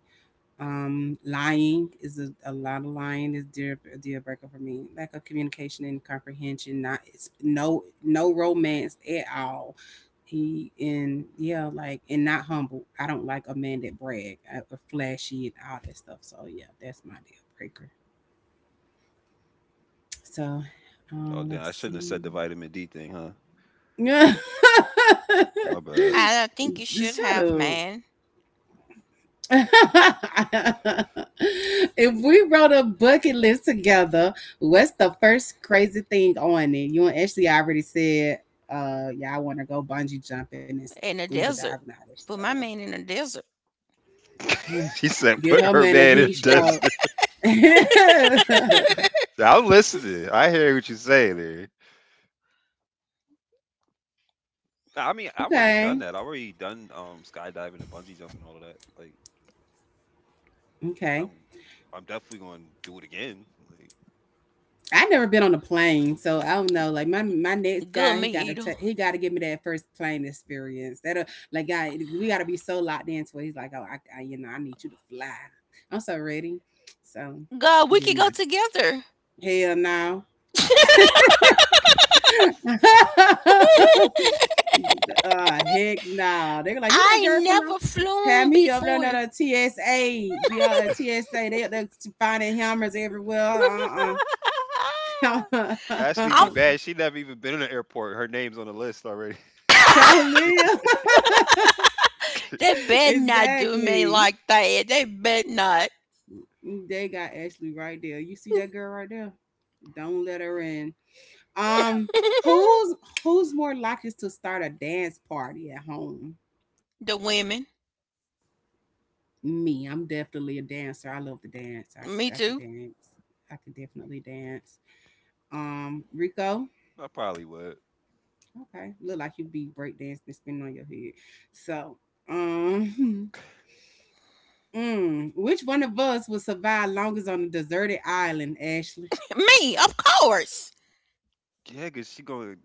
Speaker 1: Lying is a lot of lying is deal a deal breaker for me. Lack of communication and comprehension. Not It's no romance at all. He and yeah, like and not humble. I don't like a man that brag, flashy, and all that stuff. So yeah, that's my deal breaker. So,
Speaker 3: Oh damn, I
Speaker 1: let's
Speaker 3: shouldn't have said
Speaker 1: see.
Speaker 3: the vitamin D thing, huh?
Speaker 1: Shut
Speaker 3: My bad.
Speaker 2: I don't think you should have
Speaker 1: up.
Speaker 2: man
Speaker 1: If we wrote a bucket list together, what's the first crazy thing on it? You and Ashley already said, yeah, I want to go bungee jumping and
Speaker 2: in a
Speaker 1: scuba diving
Speaker 2: desert.
Speaker 1: and all this
Speaker 2: Put my
Speaker 1: stuff.
Speaker 2: man in a desert.
Speaker 3: She said
Speaker 1: Get
Speaker 3: put
Speaker 1: her
Speaker 3: her
Speaker 1: man a
Speaker 3: man in
Speaker 1: heat
Speaker 3: the
Speaker 1: stroke.
Speaker 3: desert. I'm listening, I hear what you're saying there. I mean, I've already done
Speaker 1: Okay,
Speaker 3: that. I've already done skydiving and bungee jumping, all of that. Like,
Speaker 1: okay.
Speaker 3: I'm I'm definitely going to do it again. Like,
Speaker 1: I've never been on a plane, so I don't know. Like my next
Speaker 2: Good
Speaker 1: guy,
Speaker 2: me either.
Speaker 1: he gotta give me that first plane experience. That like I we gotta be so locked into it. He's like, oh, I, I need you to fly. I'm so ready. So
Speaker 2: God, we
Speaker 1: you
Speaker 2: could go
Speaker 1: know,
Speaker 2: together.
Speaker 1: hell no. Heck no. They're like, you that
Speaker 2: I
Speaker 1: girl from
Speaker 2: never
Speaker 1: have
Speaker 2: flown
Speaker 1: me up there, no,
Speaker 2: before.
Speaker 1: no, TSA, be on TSA. They up there finding hammers everywhere. Uh uh
Speaker 3: Ashley be
Speaker 2: I'm.
Speaker 3: bad. She never even been in an airport. Her name's on the list already.
Speaker 1: Child live.
Speaker 2: They better not do me
Speaker 1: Exactly.
Speaker 2: like that. They better not.
Speaker 1: They got Ashley right there. You see that girl right there? Don't let her in. Um, who's who's more likely to start a dance party at home?
Speaker 2: The women.
Speaker 1: Me. I'm definitely a dancer. I love to dance. I,
Speaker 2: Me
Speaker 1: I can
Speaker 2: too.
Speaker 1: dance. I can definitely dance. Rico.
Speaker 3: I probably would.
Speaker 1: Okay. Look like you be breakdancing and spinning on your head. So, um mm, which one of us would survive longest on a deserted island, Ashley?
Speaker 2: Me, of course.
Speaker 3: Yeah, cause she going.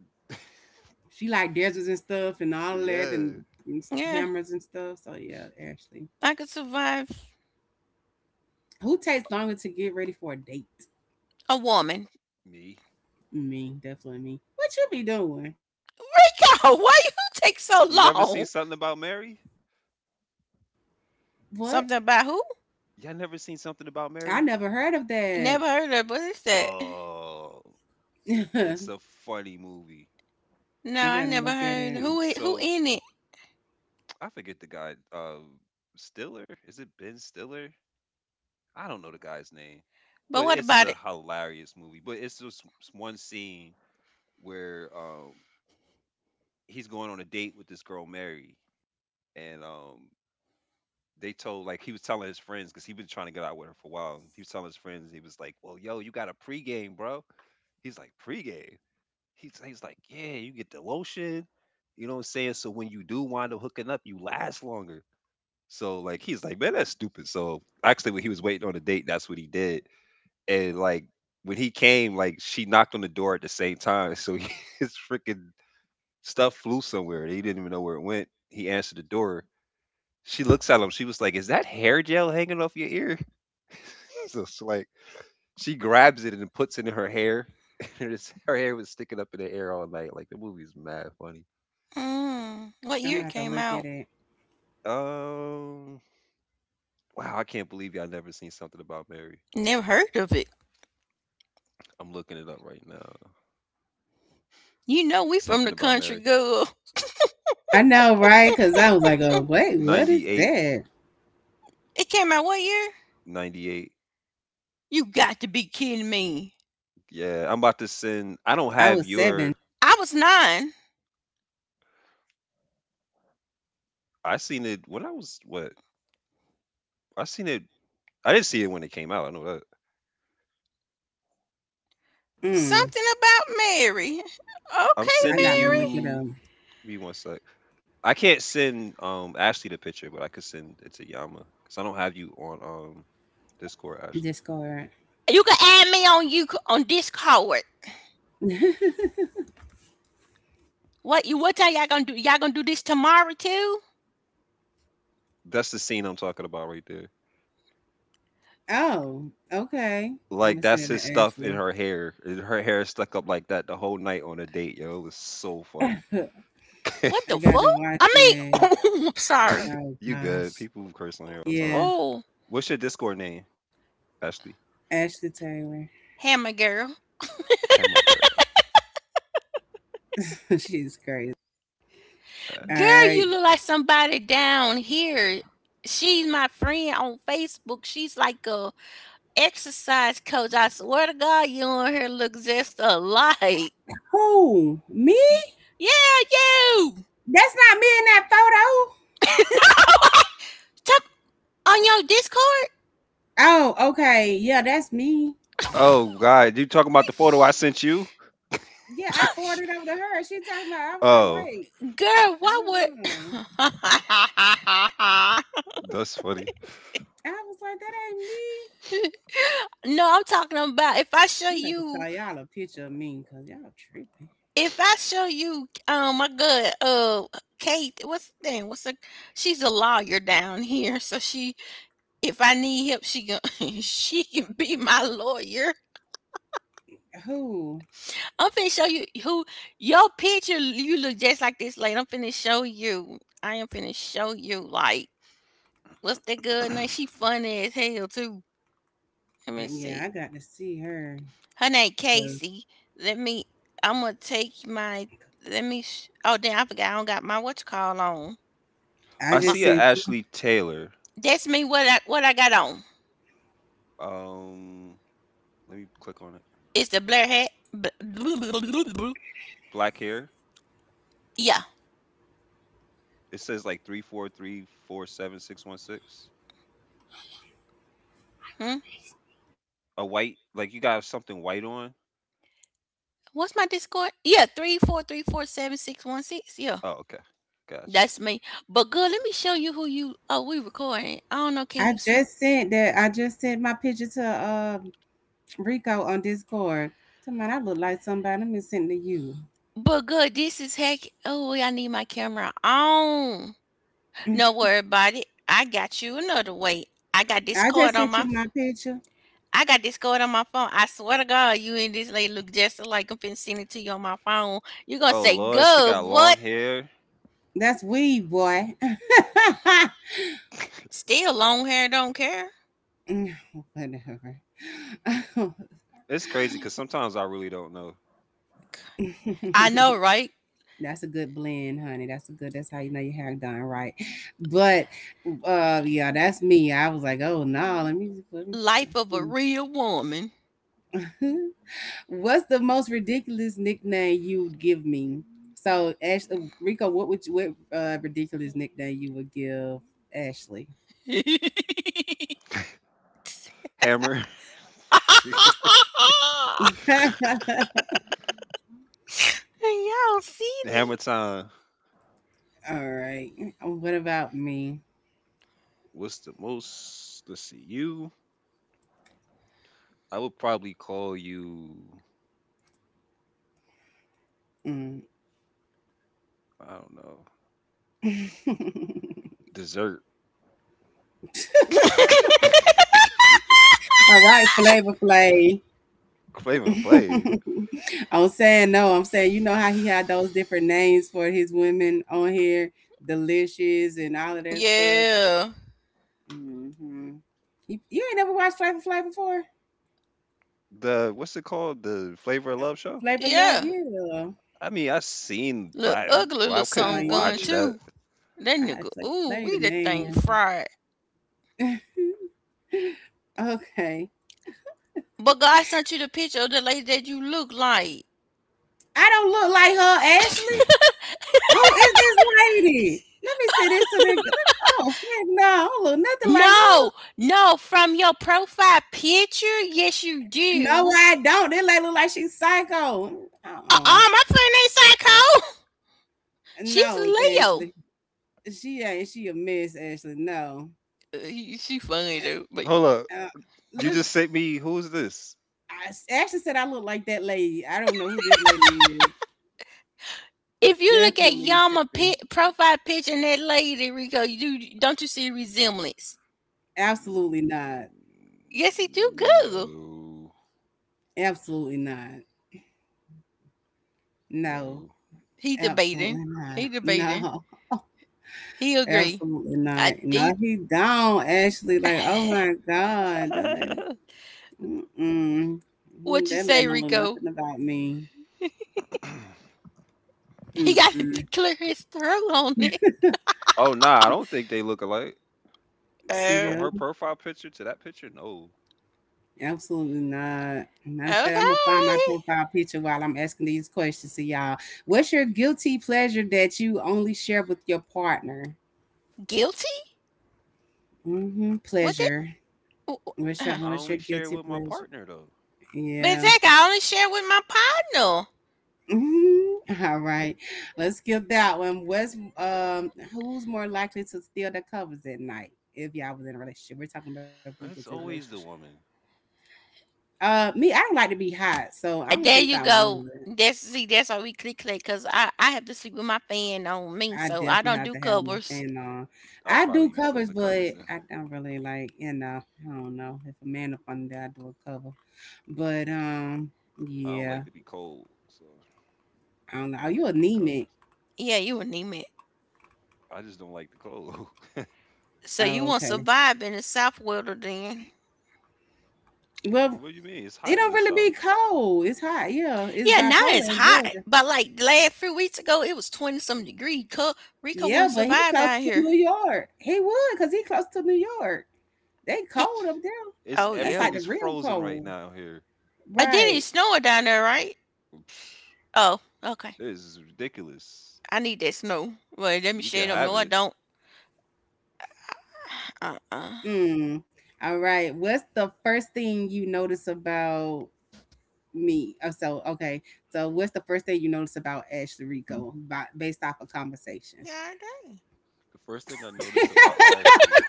Speaker 1: She like deserts and stuff and
Speaker 3: To.
Speaker 1: all that
Speaker 3: Yeah,
Speaker 1: and
Speaker 2: Yeah,
Speaker 1: hammers and stuff. So yeah, Ashley.
Speaker 2: I could survive
Speaker 1: Who takes longer to get ready for a date?
Speaker 2: a woman.
Speaker 3: me.
Speaker 1: Me, definitely me. What you be doing?
Speaker 2: Rico, why you take so
Speaker 3: You never seen
Speaker 2: long?
Speaker 3: something about Mary?
Speaker 1: What?
Speaker 2: Something about who?
Speaker 3: Y'all never seen something about
Speaker 1: I
Speaker 3: Mary?
Speaker 1: never heard of that.
Speaker 2: Never heard of. What is that?
Speaker 3: Oh, it's a funny movie.
Speaker 2: No,
Speaker 1: I
Speaker 2: I
Speaker 1: gotta
Speaker 2: never
Speaker 1: look at
Speaker 2: heard.
Speaker 1: it.
Speaker 2: Who who
Speaker 3: So
Speaker 2: in it?
Speaker 3: I forget the guy. Stiller? Is it Ben Stiller? I don't know the guy's name,
Speaker 2: But
Speaker 3: but
Speaker 2: what
Speaker 3: it's
Speaker 2: about
Speaker 3: a
Speaker 2: it?
Speaker 3: hilarious movie. But it's just one scene where he's going on a date with this girl Mary, and they told, like he was telling his friends because he been trying to get out with her for a while. He was telling his friends, he was like, "Well, yo, you got a pregame, bro." He's like, "Pregame." He's like, "Yeah, you get the lotion." You know what I'm saying? So when you do wind up hooking up, you last longer. So like he's like, man, that's stupid. So actually, when he was waiting on the date, that's what he did. And like when he came, like she knocked on the door at the same time, so his freaking stuff flew somewhere. He didn't even know where it went. He answered the door. She looks at him. She was like, "Is that hair gel hanging off your ear?" So it's like she grabs it and puts it in her hair. And it's- her hair was sticking up in the air all night. Like the movie's mad funny.
Speaker 2: Mm, what
Speaker 1: I'm
Speaker 2: year
Speaker 1: gonna
Speaker 2: it
Speaker 1: have to
Speaker 2: came
Speaker 1: look at
Speaker 2: out?
Speaker 1: it.
Speaker 3: Um, wow, I can't believe y'all never seen something about Mary.
Speaker 2: Never heard of it.
Speaker 3: I'm looking it up right now.
Speaker 2: You know we from
Speaker 3: Something
Speaker 2: the
Speaker 3: about
Speaker 2: country,
Speaker 3: Mary.
Speaker 2: girl.
Speaker 1: I know, right? Cause I was like, oh wait, what is
Speaker 3: 98.
Speaker 1: that?
Speaker 2: It came out what year?
Speaker 3: 98.
Speaker 2: You got to be kidding me.
Speaker 3: Yeah, I'm about to send. I don't
Speaker 1: I
Speaker 3: have
Speaker 1: was
Speaker 3: your.
Speaker 1: seven.
Speaker 2: I was nine.
Speaker 3: I seen it when I was what? I seen it. I didn't see it when it came out. I know that.
Speaker 1: Mm.
Speaker 2: Something about Mary.
Speaker 3: I'm
Speaker 2: Okay,
Speaker 1: I
Speaker 3: sending
Speaker 1: gotta look
Speaker 2: Mary.
Speaker 1: at
Speaker 3: you. Give me one sec. I can't send Ashley the picture, but I could send it to Yama because I don't have you on Discord. Ashley,
Speaker 1: Discord.
Speaker 2: You can add me on you on Discord. What time y'all gonna do? Y'all gonna do this tomorrow too?
Speaker 3: that's the scene I'm talking about right there.
Speaker 1: Oh, okay. I'm gonna
Speaker 3: Like
Speaker 1: send
Speaker 3: that's
Speaker 1: it
Speaker 3: his
Speaker 1: to
Speaker 3: stuff in
Speaker 1: Ashley.
Speaker 3: her hair. And her hair is stuck up like that the whole night on a date, yo. It was so
Speaker 1: I
Speaker 3: funny.
Speaker 2: What the fuck?
Speaker 1: gotta watch
Speaker 2: I mean,
Speaker 1: it.
Speaker 2: oh, I'm sorry.
Speaker 1: Oh
Speaker 3: You good?
Speaker 1: gosh.
Speaker 3: People curse on here all the time.
Speaker 1: Yeah.
Speaker 2: Oh,
Speaker 3: What's your Discord name, Ashley?
Speaker 1: Ashley Taylor.
Speaker 2: hammer girl,
Speaker 3: Camera girl.
Speaker 1: She's crazy. All
Speaker 2: girl,
Speaker 1: right.
Speaker 2: you
Speaker 3: Ashley.
Speaker 2: look like somebody down here. She's my friend on Facebook. She's like a exercise coach. I swear to God, you on here look just alike.
Speaker 1: Who? Me?
Speaker 2: Yeah, you.
Speaker 1: That's not me in that
Speaker 2: Tap on your Discord.
Speaker 1: photo. Oh, okay. Yeah, that's me.
Speaker 3: Oh God, you talking about the photo I sent you?
Speaker 1: Yeah, I forwarded over to her. She talking about I was like,
Speaker 3: Oh,
Speaker 1: wait.
Speaker 2: Girl, why
Speaker 1: uh
Speaker 2: would?
Speaker 3: that's funny.
Speaker 1: I was like, that ain't me.
Speaker 2: No, I'm talking about if I show
Speaker 1: I'm about to
Speaker 2: you,
Speaker 1: show y'all a picture of me because y'all tripping.
Speaker 2: if I show you, my good, Kate, what's the thing? What's the? She's a lawyer down here, so she if I need help, she can she can be my lawyer.
Speaker 1: Who?
Speaker 2: I'm finna show you who your picture. You look just like this lady. I'm finna show you. I am finna show you. Like what's that girl name? She funny as hell too. Let me
Speaker 1: Yeah,
Speaker 2: see.
Speaker 1: I got to see her.
Speaker 2: Her name
Speaker 1: 'Cause
Speaker 2: Casey. Let me. I'm gonna take my. Let me. Oh damn! I forgot. I don't got my what you call on.
Speaker 1: I
Speaker 3: I
Speaker 2: My
Speaker 1: just
Speaker 3: see a
Speaker 1: sent you.
Speaker 3: Ashley Taylor.
Speaker 2: That's me. What I got on?
Speaker 3: Um, Let me click on it.
Speaker 2: It's the Blair hat.
Speaker 3: Black hair.
Speaker 2: Yeah.
Speaker 3: It says like 34347616.
Speaker 2: Hmm?
Speaker 3: A white, like you got something white on.
Speaker 2: What's my Discord? Yeah, 34347616. Yeah,
Speaker 3: Oh, okay, gotcha.
Speaker 2: that's me. But good, let me show you who you. Oh, we recording. I don't know. Can
Speaker 1: I
Speaker 2: you see me?
Speaker 1: just sent that. I just sent my picture to Rico on Discord. Come on, I look like somebody. Let me send it to you.
Speaker 2: But good, this is heck. Oh, I need my camera on. No worry about it. I got you another way. I got
Speaker 1: I just
Speaker 2: Discord on
Speaker 1: sent you
Speaker 2: my.
Speaker 1: my picture.
Speaker 2: I got Discord on my phone. I swear to God, you and this lady look just like I'm finna send it to you on my phone. You are gonna
Speaker 3: Oh
Speaker 2: say,
Speaker 3: Lord, she
Speaker 2: good,
Speaker 3: got
Speaker 2: what?
Speaker 3: long hair.
Speaker 1: That's weed, boy.
Speaker 2: Still long hair, don't care.
Speaker 1: Mm, whatever.
Speaker 3: It's crazy because sometimes I really don't know.
Speaker 2: I know, right?
Speaker 1: That's a good blend, honey. That's a good. That's how you know your hair done right. But yeah, that's me. I was like, oh no, let me. Let me
Speaker 2: Life of a real woman.
Speaker 1: that's me. What's the most ridiculous nickname you would give me? So, Ash, Rico, what would you, what ridiculous nickname you would give Ashley?
Speaker 2: Y'all
Speaker 3: Hammer,
Speaker 2: see
Speaker 3: hammer
Speaker 2: these?
Speaker 3: time.
Speaker 1: All right. What about me?
Speaker 3: What's the most? Let's see. You, I would probably call you.
Speaker 1: Mm.
Speaker 3: I don't know. Dessert.
Speaker 1: All right, Flavor Flay.
Speaker 3: Flavor Flav.
Speaker 1: I'm saying no. I'm saying you know how he had those different names for his women on here, delicious and all of that stuff.
Speaker 2: Yeah.
Speaker 1: Hmm. You ain't never watched Flavor Flay before?
Speaker 3: The what's it called? The Flavor of Love show.
Speaker 1: Flavor Love,
Speaker 2: Yeah.
Speaker 1: yeah.
Speaker 3: I mean, I seen,
Speaker 2: Look
Speaker 3: but
Speaker 2: ugly
Speaker 3: I,
Speaker 2: little
Speaker 3: I couldn't
Speaker 1: Oh,
Speaker 2: something gun
Speaker 1: yeah.
Speaker 3: watch that.
Speaker 2: too. That
Speaker 1: I
Speaker 2: nigga,
Speaker 1: say,
Speaker 2: ooh,
Speaker 1: lady,
Speaker 2: we that thing
Speaker 1: man.
Speaker 2: fried.
Speaker 1: Okay.
Speaker 2: But God sent you the picture of the lady that you look like.
Speaker 1: I don't look like her, Ashley. Who is this lady? Let me see this to the. Oh, heck no. I don't look nothing like
Speaker 2: No, no, from your profile picture, yes you
Speaker 1: her. No,
Speaker 2: do.
Speaker 1: I don't. This lady look like she's psycho. Uh-uh.
Speaker 2: Uh, my friend ain't psycho. She's a
Speaker 1: No,
Speaker 2: Leo.
Speaker 1: Ashley. She ain't. She a mess, Ashley. No.
Speaker 2: She funny though, but
Speaker 3: Hold up,
Speaker 1: Uh, uh,
Speaker 3: you
Speaker 1: Look,
Speaker 3: just sent me. Who's this?
Speaker 1: I Ashley said I look like that lady. I don't know who this lady is.
Speaker 2: if you look at
Speaker 1: Definitely
Speaker 2: Yama pi
Speaker 1: tripping.
Speaker 2: profile picture and that lady Rico, you do don't you see a resemblance?
Speaker 1: Absolutely not.
Speaker 2: Yes, he do. Google.
Speaker 3: No,
Speaker 1: Absolutely not. No,
Speaker 3: no.
Speaker 2: He debating.
Speaker 1: absolutely
Speaker 2: He
Speaker 1: not.
Speaker 2: debating.
Speaker 1: No,
Speaker 2: He agree.
Speaker 1: absolutely
Speaker 2: I
Speaker 1: not. No,
Speaker 2: think.
Speaker 1: he don't actually like, oh my God. That's like, mm-mm. Mm,
Speaker 2: What you
Speaker 1: that
Speaker 2: say,
Speaker 1: let don't know
Speaker 2: Rico?
Speaker 1: nothing about me.
Speaker 2: He got to
Speaker 1: Mm-mm.
Speaker 2: clear his throat on it.
Speaker 3: Oh nah, I don't think they look alike.
Speaker 1: See
Speaker 2: Oh,
Speaker 3: From her
Speaker 1: them?
Speaker 3: profile picture to that picture, no.
Speaker 1: Absolutely not. Matter of fact, I'm gonna find my
Speaker 2: okay.
Speaker 1: profile picture while I'm asking these questions to y'all. What's your guilty pleasure that you only share with your partner?
Speaker 2: Guilty?
Speaker 1: Hmm.
Speaker 2: What that?
Speaker 1: Pleasure. What's your
Speaker 3: I
Speaker 1: what's your
Speaker 3: only share it
Speaker 1: guilty
Speaker 3: with my
Speaker 1: pleasure?
Speaker 3: partner though.
Speaker 2: But
Speaker 1: Yeah.
Speaker 2: Zach, I only share with my partner.
Speaker 1: Mhm. All
Speaker 3: Hmm.
Speaker 1: right. Let's skip that one. What's Who's more likely to steal the covers at night if y'all was in a relationship? We're talking about who was in a
Speaker 3: It's
Speaker 1: relationship.
Speaker 3: always the woman.
Speaker 1: Me, I don't like to be hot, so I don't think
Speaker 2: There
Speaker 1: I
Speaker 2: you
Speaker 1: would.
Speaker 2: go. That's see, that's why we click click because I have to sleep with my fan on me,
Speaker 1: I
Speaker 2: so I
Speaker 1: definitely
Speaker 2: don't
Speaker 1: have
Speaker 2: do
Speaker 1: to have my
Speaker 2: covers.
Speaker 1: fan on.
Speaker 3: I'd
Speaker 1: I do
Speaker 3: probably be still in
Speaker 1: covers,
Speaker 3: the
Speaker 1: but
Speaker 3: covers then.
Speaker 1: I don't really like, I don't know. If a man up under there, I do a cover. But
Speaker 3: I don't
Speaker 1: yeah,
Speaker 3: like to be cold, so
Speaker 1: I don't know. Are
Speaker 3: I'm
Speaker 1: you
Speaker 3: underneath the
Speaker 1: anemic?
Speaker 3: covers.
Speaker 2: Yeah, you an it.
Speaker 3: I just don't like the cold.
Speaker 2: So you
Speaker 1: Oh,
Speaker 2: won't
Speaker 1: okay.
Speaker 2: survive in the south weather then.
Speaker 1: Well,
Speaker 3: What do you mean? It's
Speaker 1: it
Speaker 3: hot in
Speaker 1: don't
Speaker 3: the
Speaker 1: really
Speaker 3: south.
Speaker 1: be cold. It's hot. Yeah, it's
Speaker 2: Yeah, now
Speaker 1: bipolar
Speaker 2: it's
Speaker 1: in
Speaker 2: hot,
Speaker 1: Georgia.
Speaker 2: but like the last few weeks ago, it was 20 some degree. Rico
Speaker 1: Yeah,
Speaker 2: won't
Speaker 1: but he
Speaker 2: survive
Speaker 1: close
Speaker 2: down
Speaker 1: to
Speaker 2: here.
Speaker 1: New York. He would, cause he close to New York. They
Speaker 2: He
Speaker 1: cold up there.
Speaker 3: It's
Speaker 2: Oh
Speaker 1: That's
Speaker 2: yeah.
Speaker 1: like
Speaker 3: everything
Speaker 1: the
Speaker 3: is
Speaker 1: real
Speaker 3: frozen right
Speaker 1: cold,
Speaker 3: now here.
Speaker 2: Then
Speaker 1: right?
Speaker 2: it's snowing down there, right? Oh, okay.
Speaker 3: This is ridiculous.
Speaker 2: I need that snow. Well, let me
Speaker 3: You can
Speaker 2: shade them.
Speaker 3: have
Speaker 2: No, I
Speaker 3: it.
Speaker 2: don't. Uh.
Speaker 1: Mm. All right. What's the first thing you notice about me? Oh, so okay. So what's the first thing you notice about Ashley Rico by, based off a conversation?
Speaker 2: God dang.
Speaker 3: The first thing I noticed about Ashley,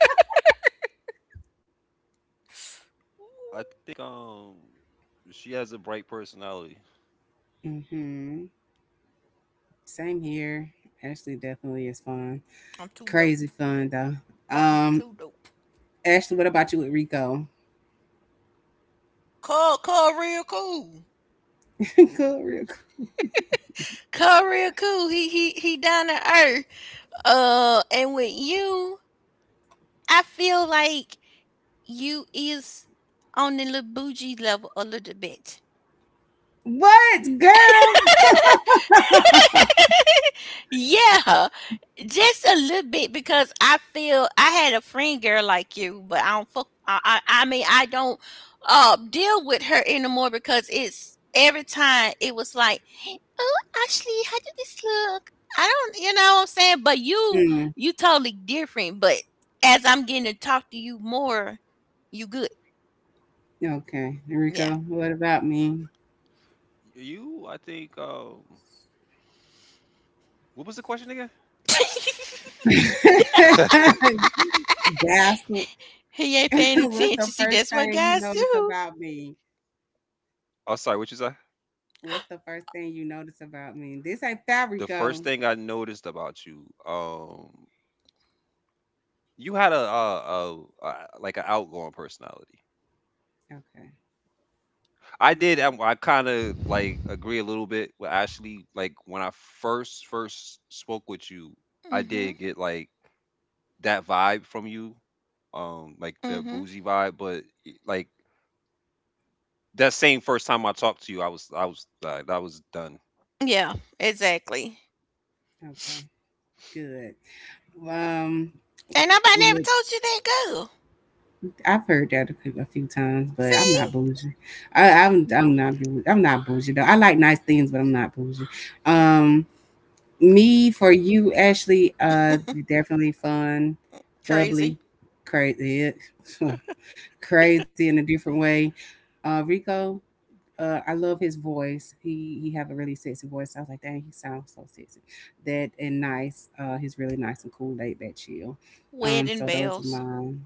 Speaker 3: I think she has a bright personality.
Speaker 1: Hmm. Same here. Ashley definitely is fun.
Speaker 2: I'm too
Speaker 1: Crazy
Speaker 2: dope.
Speaker 1: fun though.
Speaker 2: Something
Speaker 1: Um,
Speaker 2: too dope.
Speaker 1: Ashley, what about you with Rico?
Speaker 2: Call real cool.
Speaker 1: Cool, real cool.
Speaker 2: Call real cool. He down to earth. And with you, I feel like you is on the little bougie level a little bit.
Speaker 1: What, girl?
Speaker 2: Yeah, just a little bit because I feel I had a friend girl like you, but I don't fuck. I mean I don't deal with her anymore because it's every time it was like, "Oh, Ashley, how did this look?" I don't, you know what I'm saying? But you,
Speaker 1: Mm,
Speaker 2: you totally different. But as I'm getting to talk to you more, you good.
Speaker 1: okay,
Speaker 2: Yeah.
Speaker 1: Rico. What about me?
Speaker 3: You, I think what was the question again?
Speaker 1: Baffled.
Speaker 2: He ain't paying
Speaker 1: What's the
Speaker 2: attention. See,
Speaker 1: first
Speaker 2: that's what
Speaker 1: thing you
Speaker 2: guys
Speaker 1: notice
Speaker 2: do.
Speaker 1: about me?
Speaker 3: Oh, sorry, what you say?
Speaker 1: What's the first thing you notice about me? This ain't fat,
Speaker 3: The first
Speaker 1: Rico.
Speaker 3: thing I noticed about you, you had a like an outgoing personality.
Speaker 1: Okay,
Speaker 3: I did. I,
Speaker 1: okay,
Speaker 3: I kind of like agree a little bit with Ashley. Like when I first spoke with you, I
Speaker 2: Mm-hmm.
Speaker 3: did get like that vibe from you, like the
Speaker 2: Mm-hmm.
Speaker 3: bougie vibe. But like that same first time I talked to you, I was like I was done.
Speaker 2: Yeah, exactly.
Speaker 1: okay. Good. Um,
Speaker 2: Ain't nobody never told you that girl.
Speaker 1: I've heard that a few times, but I'm not
Speaker 2: See?
Speaker 1: bougie. I'm not bougie. I'm not bougie though. I like nice things, but I'm not bougie. Um, me for you, Ashley. Definitely fun,
Speaker 2: Crazy.
Speaker 1: bubbly, crazy, crazy in a different way. Rico. I love his voice. He have a really sexy voice. I was like, dang, he sounds so sexy. That and nice. He's really nice and cool, laid back, chill.
Speaker 2: Wedding
Speaker 1: So those are
Speaker 2: bells.
Speaker 1: mine.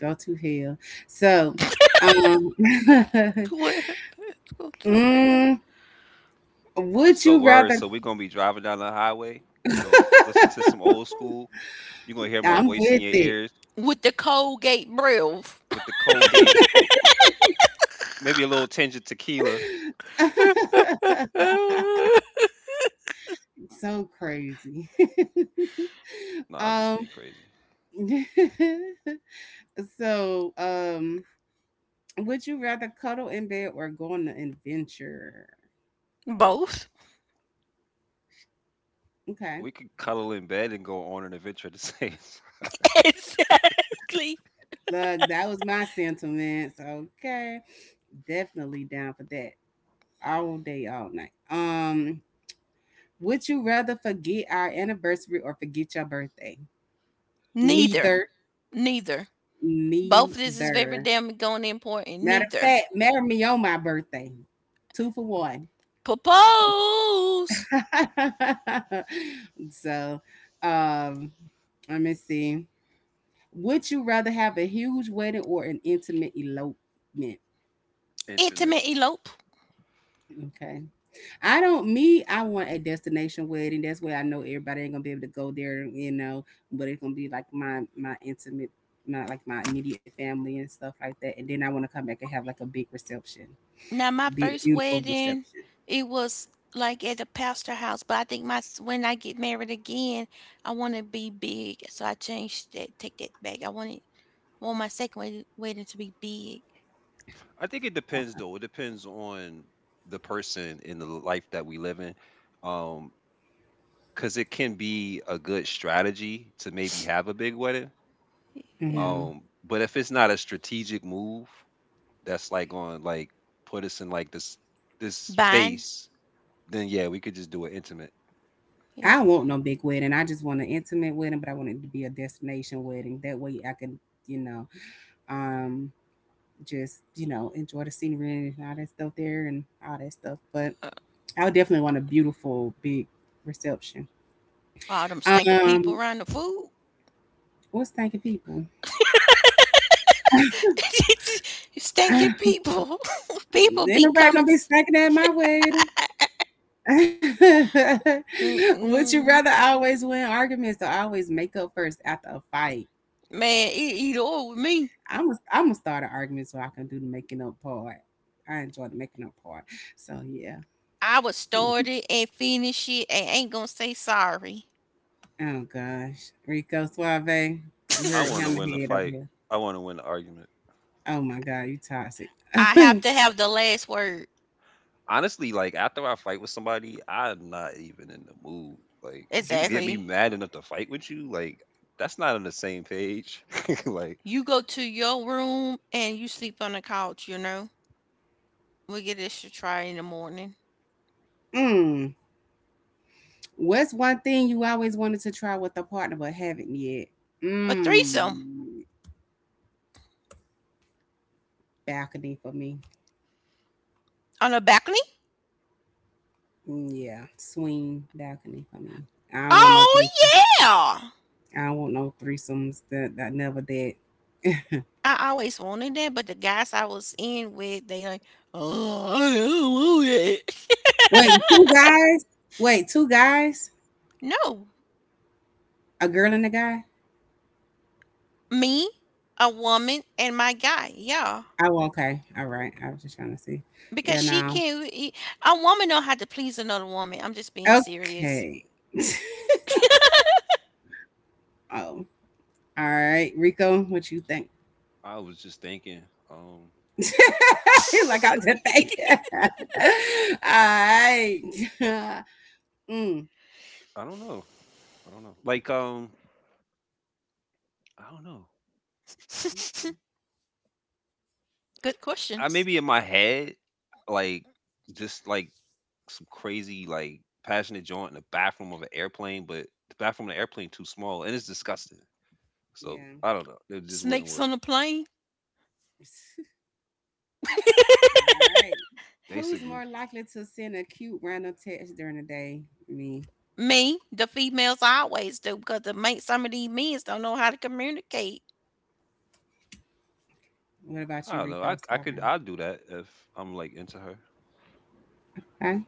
Speaker 1: Go to hell. So, um,
Speaker 2: Wedding bells go to hell.
Speaker 1: mm, would
Speaker 3: So
Speaker 1: you
Speaker 3: word.
Speaker 1: rather?
Speaker 3: So we're gonna be driving down the highway. You know, listen to some old school. You're gonna hear my
Speaker 1: I'm
Speaker 3: voice in
Speaker 1: with
Speaker 3: your
Speaker 1: it.
Speaker 3: ears
Speaker 2: With the Colgate breath.
Speaker 3: with the Colgate, maybe a little tinge of tequila.
Speaker 1: So crazy.
Speaker 3: Nah, I'm just
Speaker 1: um,
Speaker 3: being crazy.
Speaker 1: so, would you rather cuddle in bed or go on an adventure?
Speaker 2: Both.
Speaker 1: Okay.
Speaker 3: We could cuddle in bed and go on an adventure at the same.
Speaker 2: Exactly.
Speaker 1: Look, that was my sentiments. Okay. Definitely down for that. All day, all night. Would you rather forget our anniversary or forget your birthday?
Speaker 2: Neither.
Speaker 1: Neither,
Speaker 2: Neither. Both of this is very
Speaker 1: neither.
Speaker 2: damn going important.
Speaker 1: Matter of
Speaker 2: Neither.
Speaker 1: fact, marry me on my birthday. Two for one.
Speaker 2: Propose.
Speaker 1: So, um, let me see. Would you rather have a huge wedding or an intimate elopement?
Speaker 3: Intimate.
Speaker 2: Intimate elope.
Speaker 1: Okay. I don't me, I want a destination wedding. That's where I know everybody ain't gonna be able to go there, you know, but it's gonna be like my intimate, my immediate family and stuff like that. And then I wanna come back and have like a big reception.
Speaker 2: Now my
Speaker 1: Big
Speaker 3: It-
Speaker 2: first
Speaker 1: beautiful
Speaker 2: wedding,
Speaker 1: reception.
Speaker 2: it was like at a pastor house, but I think my when I get married again, I want to be big. So I changed that. Take that back. I want it. Want my second wedding to be big.
Speaker 3: I think it depends
Speaker 1: Okay.
Speaker 3: though. It depends on the person in the life that we live in. Um, because it can be a good strategy to maybe have a big wedding.
Speaker 2: Yeah.
Speaker 1: hmm
Speaker 3: Um, but if it's not a strategic move that's like on like put us in like this
Speaker 2: Buying.
Speaker 3: space, then yeah, we could just do it intimate.
Speaker 1: I
Speaker 2: Yep.
Speaker 1: don't want no big wedding. I just want an intimate wedding, but I want it to be a destination wedding. That way I can, you know, um just, enjoy the scenery and all that stuff there and all that stuff. But
Speaker 2: Uh,
Speaker 1: I would definitely want a beautiful big reception.
Speaker 2: all them stinker people
Speaker 1: Um,
Speaker 2: around the food.
Speaker 1: what's thanking people?
Speaker 2: Stinking people. People
Speaker 1: Ain't
Speaker 2: be
Speaker 1: nobody
Speaker 2: coming.
Speaker 1: gonna be snacking at my wedding.
Speaker 2: Yeah.
Speaker 1: Would you rather
Speaker 2: Mm-mm.
Speaker 1: always win arguments or always make up first after a fight?
Speaker 2: Man, it eat all with me.
Speaker 1: I'm gonna start an argument so I can do the making up part. I enjoy the making up part. So yeah.
Speaker 2: I would start it and finish it and ain't gonna say sorry.
Speaker 1: Oh gosh, Rico Suave, we
Speaker 3: I
Speaker 1: heard
Speaker 3: want
Speaker 1: him
Speaker 3: to win the
Speaker 1: ahead over
Speaker 3: fight.
Speaker 1: here.
Speaker 3: I want to win the argument.
Speaker 1: Oh my god, you toxic.
Speaker 2: I have to have the last word.
Speaker 3: Honestly, like after I fight with somebody, I'm not even in the mood. Like if you get me
Speaker 2: Exactly.
Speaker 3: mad enough to fight with you, like that's not on the same page. Like
Speaker 2: You go to your room and you sleep on the couch, you know? We get this to try in the morning.
Speaker 1: mm. What's one thing you always wanted to try with a partner but haven't yet?
Speaker 2: A
Speaker 1: Mm,
Speaker 2: threesome
Speaker 1: Balcony for me.
Speaker 2: on a balcony?
Speaker 1: Mm, yeah, swing balcony for me. I don't want no
Speaker 2: Oh,
Speaker 1: threesome.
Speaker 2: yeah.
Speaker 1: I don't want no threesomes. That I never did.
Speaker 2: I always wanted that, but the guys I was in with, they like, oh, I don't want it.
Speaker 1: Wait, two guys? Wait, two guys?
Speaker 2: No,
Speaker 1: A girl and a guy?
Speaker 2: me, a woman, and my guy. Yeah,
Speaker 1: Oh, okay. All right. I was just trying to see. Yeah,
Speaker 2: because she
Speaker 1: no.
Speaker 2: can't. A woman know how to please another woman. I'm just being serious.
Speaker 1: Okay. oh, all right. Rico, what you think?
Speaker 3: I was just thinking, um,
Speaker 1: like, "I'll just take it." Alright. Mm,
Speaker 3: I don't know, I don't know. Like I don't know.
Speaker 1: okay.
Speaker 2: Good
Speaker 3: I
Speaker 2: questions.
Speaker 3: maybe in my head, like just like some crazy like passionate joint in the bathroom of an airplane, but the bathroom of the airplane too small and it's disgusting. So
Speaker 1: Yeah.
Speaker 3: I don't know. It just wouldn't
Speaker 2: Snakes
Speaker 3: work.
Speaker 2: on a plane.
Speaker 1: Alright. Who's
Speaker 3: Basically.
Speaker 1: more likely to send a cute random text during the day? Me.
Speaker 2: Me, the females always do because the mate, some of these men don't know how to communicate.
Speaker 1: What about
Speaker 3: I
Speaker 1: you,
Speaker 3: don't know. I
Speaker 1: Rico?
Speaker 3: I could
Speaker 1: Starvin?
Speaker 3: I'd do that if I'm like into her.
Speaker 1: Okay.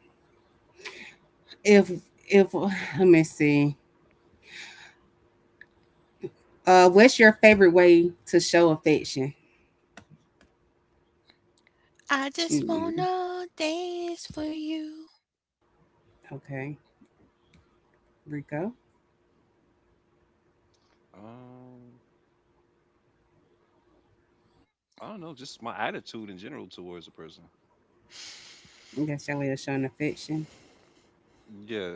Speaker 1: If if, let me see. What's your favorite way to show affection?
Speaker 2: I just
Speaker 1: Mm,
Speaker 2: wanna dance for you.
Speaker 1: okay, Rico.
Speaker 3: Um, I don't know, just my attitude in general towards a person.
Speaker 1: That's your way of showing affection.
Speaker 3: Yeah.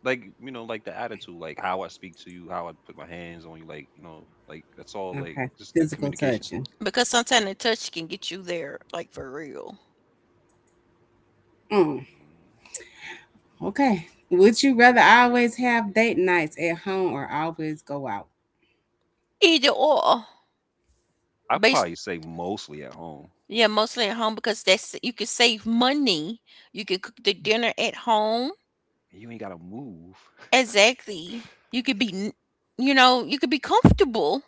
Speaker 3: Like, you know, like the attitude, like how I speak to you, how I put my hands on you, like, you know, like that's all like
Speaker 1: Okay,
Speaker 3: just the
Speaker 1: physical
Speaker 3: communication.
Speaker 1: touching.
Speaker 2: Because sometimes the touch can get you there, like for real.
Speaker 1: Mm. Okay. Would you rather always have date nights at home or always go out?
Speaker 2: Either or,
Speaker 3: I
Speaker 2: based
Speaker 3: probably say mostly at home.
Speaker 2: yeah, mostly at home because that's you can save money. You can cook the dinner at home.
Speaker 3: You ain't gotta move.
Speaker 2: Exactly. You could be, you could be comfortable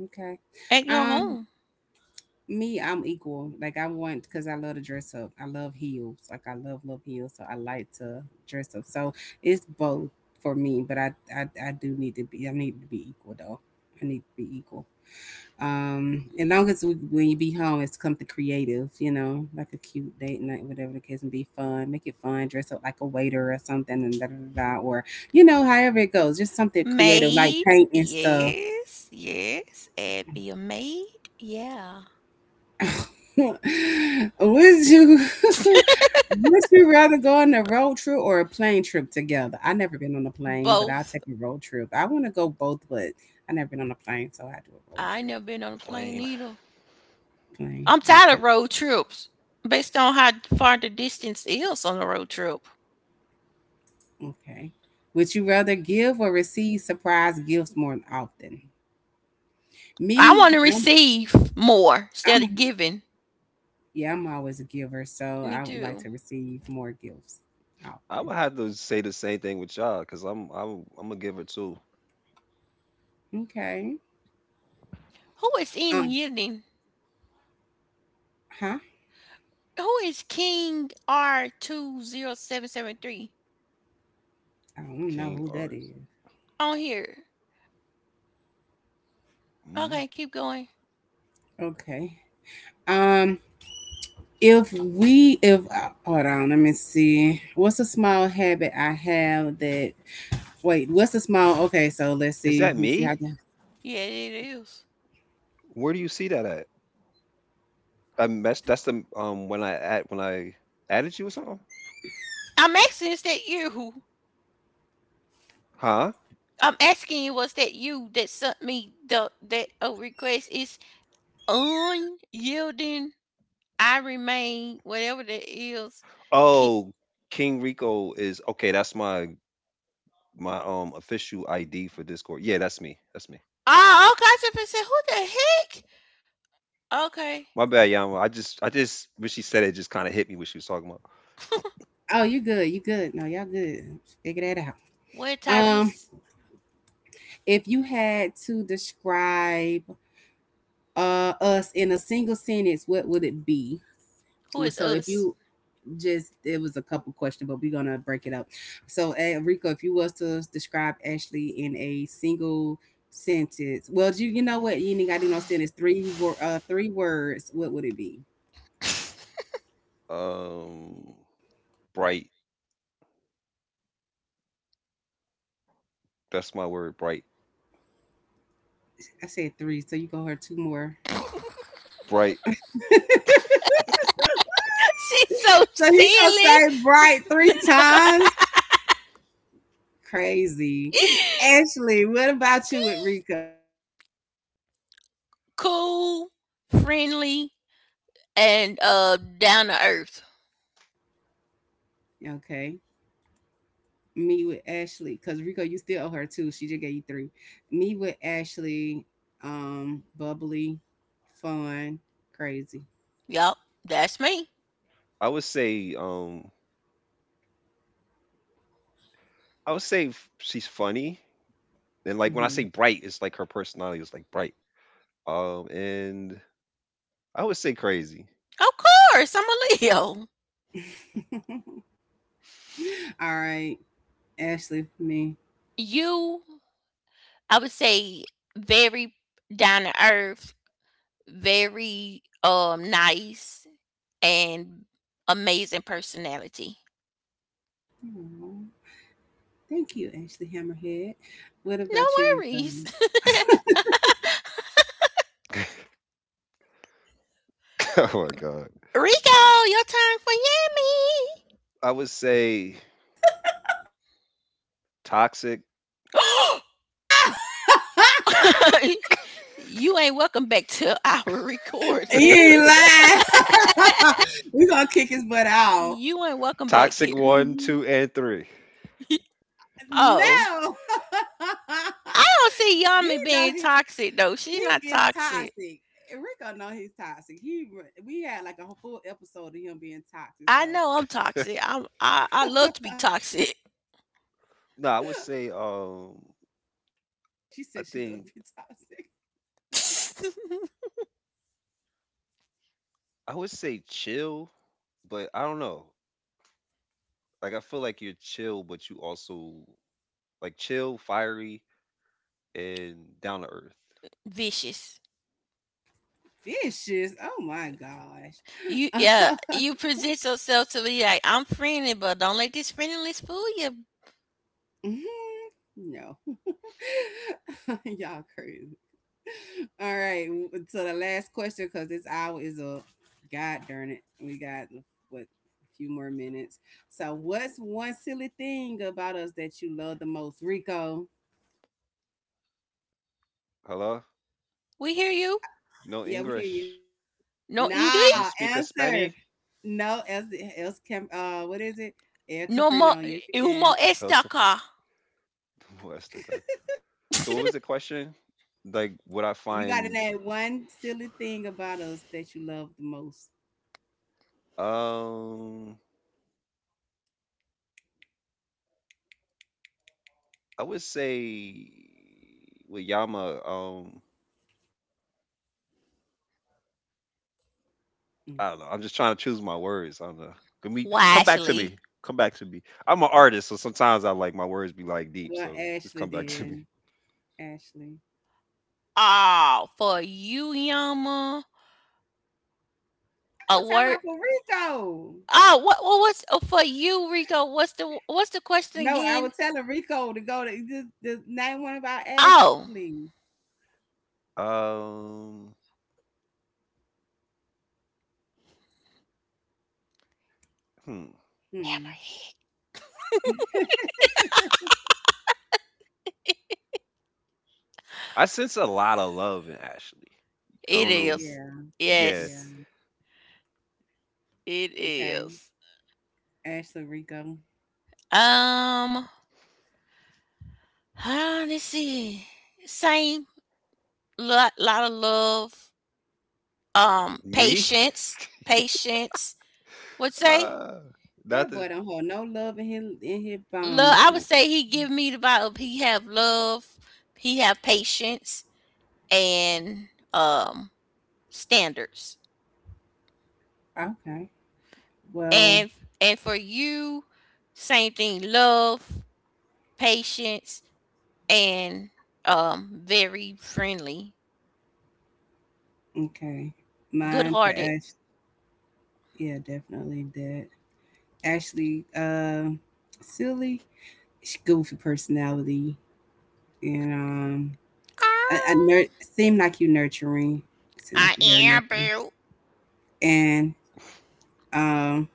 Speaker 1: Okay.
Speaker 2: at your
Speaker 1: Um,
Speaker 2: home.
Speaker 1: Me, I'm equal. Like I want because I love to dress up. I love heels. Like I love love heels, so I like to dress up. So it's both for me. But I do need to be. I need to be equal though. I need to be equal. As long as we, when you be home, it's something creative, you know, like a cute date night, whatever the case, and be fun. Make it fun. Dress up like a waiter or something, and da da da, da, or you know, however it goes, just something creative, like
Speaker 2: Maid,
Speaker 1: paint and stuff.
Speaker 2: yes, yes. And be a maid, yeah.
Speaker 1: Would you? Would you rather go on a road trip or a plane trip together? I never been on a plane, but I'll
Speaker 2: Both.
Speaker 1: take a road trip. I want to go both, but I never been on a plane, so I do a road
Speaker 2: I ain't
Speaker 1: trip.
Speaker 2: never been on a plane
Speaker 3: Plain.
Speaker 2: either.
Speaker 1: Plane,
Speaker 2: I'm tired
Speaker 1: okay.
Speaker 2: of road trips based on how far the distance is on a road trip.
Speaker 1: Okay. Would you rather give or receive surprise gifts more often?
Speaker 2: I
Speaker 1: Me,
Speaker 2: want to
Speaker 1: I'm,
Speaker 2: receive more instead
Speaker 1: I'm
Speaker 2: of giving.
Speaker 1: yeah, I'm always a giver, so I
Speaker 2: Me
Speaker 1: would like to
Speaker 2: too.
Speaker 1: receive more gifts
Speaker 3: I
Speaker 1: often.
Speaker 3: would have to say the same thing with y'all, because I'm gonna give her two.
Speaker 1: Okay.
Speaker 2: Who is in
Speaker 1: Um,
Speaker 2: Yidden?
Speaker 1: huh?
Speaker 2: Who is King R20773
Speaker 1: I don't know
Speaker 3: King
Speaker 1: who that
Speaker 3: R's.
Speaker 1: is.
Speaker 2: on here?
Speaker 3: Mm.
Speaker 2: Okay, keep going.
Speaker 1: Okay. Um, if if hold on, let me see. What's a small habit I have that? Wait, what's a small? Okay, so let's
Speaker 3: Is
Speaker 1: see.
Speaker 3: that
Speaker 1: Let me see how.
Speaker 3: me?
Speaker 1: I can-
Speaker 2: Yeah, it is.
Speaker 3: Where do you see that at? I mess. That's the when I added you or something,
Speaker 2: I'm asking, is that you? Who?
Speaker 3: huh?
Speaker 2: I'm asking you, was that you that sent me the that request? Is unyielding. I remain, whatever that is. Ki-
Speaker 3: Oh, King Rico is okay. That's my official ID for Discord. Yeah, that's me. That's me.
Speaker 2: Oh, okay. I just said, who the heck? Okay.
Speaker 3: My bad, Yama. I just when she said it, just kind of hit me what she was talking about.
Speaker 1: Oh, you good? You good? No, y'all good. Figure that out.
Speaker 2: Where
Speaker 1: Um,
Speaker 2: Tyrese?
Speaker 1: If you had to describe us in a single sentence, what would it be?
Speaker 2: Who
Speaker 1: Well,
Speaker 2: is
Speaker 1: So if
Speaker 2: us?
Speaker 1: you just it was a couple questions, but we're gonna break it up. So Rico, if you was to describe Ashley in a single sentence, well, you know what? You ain't gotta do no sentence. Three words. What would it be?
Speaker 3: Um, Bright. That's my word. Bright.
Speaker 1: I said three, so you go her two more.
Speaker 3: Bright.
Speaker 2: She's so
Speaker 1: So he gonna
Speaker 2: silly.
Speaker 1: say bright three times. Crazy. Ashley, what about you with Rico?
Speaker 2: Cool, friendly, and down to earth.
Speaker 1: Okay. Me with Ashley, because Rico, you still owe her two. She just gave you three. Me with Ashley, bubbly, fun, crazy.
Speaker 2: Yup, that's me.
Speaker 3: I would say um I would say she's funny. And like when I say
Speaker 1: Hmm
Speaker 3: bright, it's like her personality is like bright. And I would say crazy.
Speaker 2: Of course, I'm a Leo.
Speaker 1: All right, Ashley, me.
Speaker 2: You, I would say, very down to earth, very nice, and amazing personality.
Speaker 1: Aw, thank you, Ashley Hammerhead. What
Speaker 2: No
Speaker 1: about you, Rico?
Speaker 2: worries.
Speaker 3: Oh my god.
Speaker 2: Rico, your turn for
Speaker 3: I would say toxic,
Speaker 2: Yami. You ain't welcome back to our
Speaker 1: he
Speaker 2: recording.
Speaker 1: ain't lying. we gonna kick his butt out.
Speaker 2: You ain't welcome back here.
Speaker 3: toxic one,
Speaker 1: Mhm.
Speaker 3: two, and three.
Speaker 2: Oh,
Speaker 1: No,
Speaker 2: I don't see
Speaker 1: he
Speaker 2: Yami
Speaker 1: know
Speaker 2: being
Speaker 1: he
Speaker 2: toxic though. She's not
Speaker 1: he is
Speaker 2: toxic.
Speaker 1: toxic. Rico know he's toxic. He we had like a whole full episode of him being toxic.
Speaker 2: I
Speaker 1: So
Speaker 2: know I'm toxic. I love to be toxic.
Speaker 3: No, I would say
Speaker 1: she
Speaker 3: I
Speaker 1: said she
Speaker 3: think
Speaker 1: loved to be toxic.
Speaker 3: I would say chill, but I don't know. Like I feel like you're chill, but you also like chill, fiery, and down to earth.
Speaker 2: Vicious.
Speaker 1: Vicious. Oh my
Speaker 2: You
Speaker 1: gosh.
Speaker 2: Yeah. You present yourself to me like I'm friendly, but don't let this friendliness fool you.
Speaker 1: Mhm. No. Y'all crazy. All right. So the last question, because this hour is up. God darn it. We got what a few more minutes. So what's one silly thing about us that you love the most? Rico.
Speaker 3: Hello,
Speaker 2: We hear you.
Speaker 3: no
Speaker 1: Yeah, we hear you.
Speaker 3: English.
Speaker 2: No
Speaker 3: You
Speaker 2: English.
Speaker 1: Nah,
Speaker 3: speak a
Speaker 1: answer.
Speaker 3: Spanish?
Speaker 1: No, else can what is it? El
Speaker 2: No more
Speaker 1: Caprino. Yes, you
Speaker 2: humo
Speaker 1: can.
Speaker 3: El Cafre-
Speaker 2: estaca.
Speaker 3: Molesta acá. So what was the question? Like what I
Speaker 1: You gotta
Speaker 3: find
Speaker 1: name one silly thing about us that you love the most.
Speaker 3: um I would say with Yama,
Speaker 1: Mm.
Speaker 3: I don't know. I'm just trying to choose my words. I don't know. Come back to me.
Speaker 2: Wisely.
Speaker 3: Come back to me. I'm an artist, so sometimes I like my words be like deep.
Speaker 1: Well,
Speaker 3: So just
Speaker 1: Ashley
Speaker 3: come back to me.
Speaker 1: did. Ashley.
Speaker 2: Oh, for you, Yama.
Speaker 1: I
Speaker 2: A
Speaker 1: was talking
Speaker 2: word.
Speaker 1: about for Rico.
Speaker 2: Oh, what was, oh, for you, Rico? What's the question
Speaker 1: No, I
Speaker 2: again?
Speaker 1: was telling Rico to go to just name one about
Speaker 2: Oh,
Speaker 1: Ashley.
Speaker 3: Um, hmm.
Speaker 1: Mm.
Speaker 2: hammerhead.
Speaker 3: I sense a lot of love in Ashley. I
Speaker 2: It
Speaker 3: don't
Speaker 1: Mm,
Speaker 3: know.
Speaker 2: is.
Speaker 1: yeah,
Speaker 3: Yeah,
Speaker 2: Yes,
Speaker 1: yeah.
Speaker 2: it
Speaker 1: Okay.
Speaker 2: is.
Speaker 1: Ashley Rico.
Speaker 2: Um, let's see. Same. Lot, lot of love. Um,
Speaker 3: me.
Speaker 2: patience. Patience. What say?
Speaker 3: Uh,
Speaker 1: That
Speaker 3: Nothing.
Speaker 1: boy don't hold no love in his
Speaker 2: Love,
Speaker 1: bones.
Speaker 2: I would say he give me the vibe of he have love, he have patience, and standards.
Speaker 1: Okay. Well,
Speaker 2: And and for you, same thing. Love, patience, and very friendly,
Speaker 1: okay.
Speaker 2: good
Speaker 1: Mine for
Speaker 2: hearted.
Speaker 1: Ash. Yeah, definitely that. Ashley, silly, goofy personality, and I, I nur-
Speaker 2: Oh,
Speaker 1: seem like you nurturing. Seem
Speaker 2: I
Speaker 1: like you're very
Speaker 2: am,
Speaker 1: nurturing,
Speaker 2: boo.
Speaker 1: and um,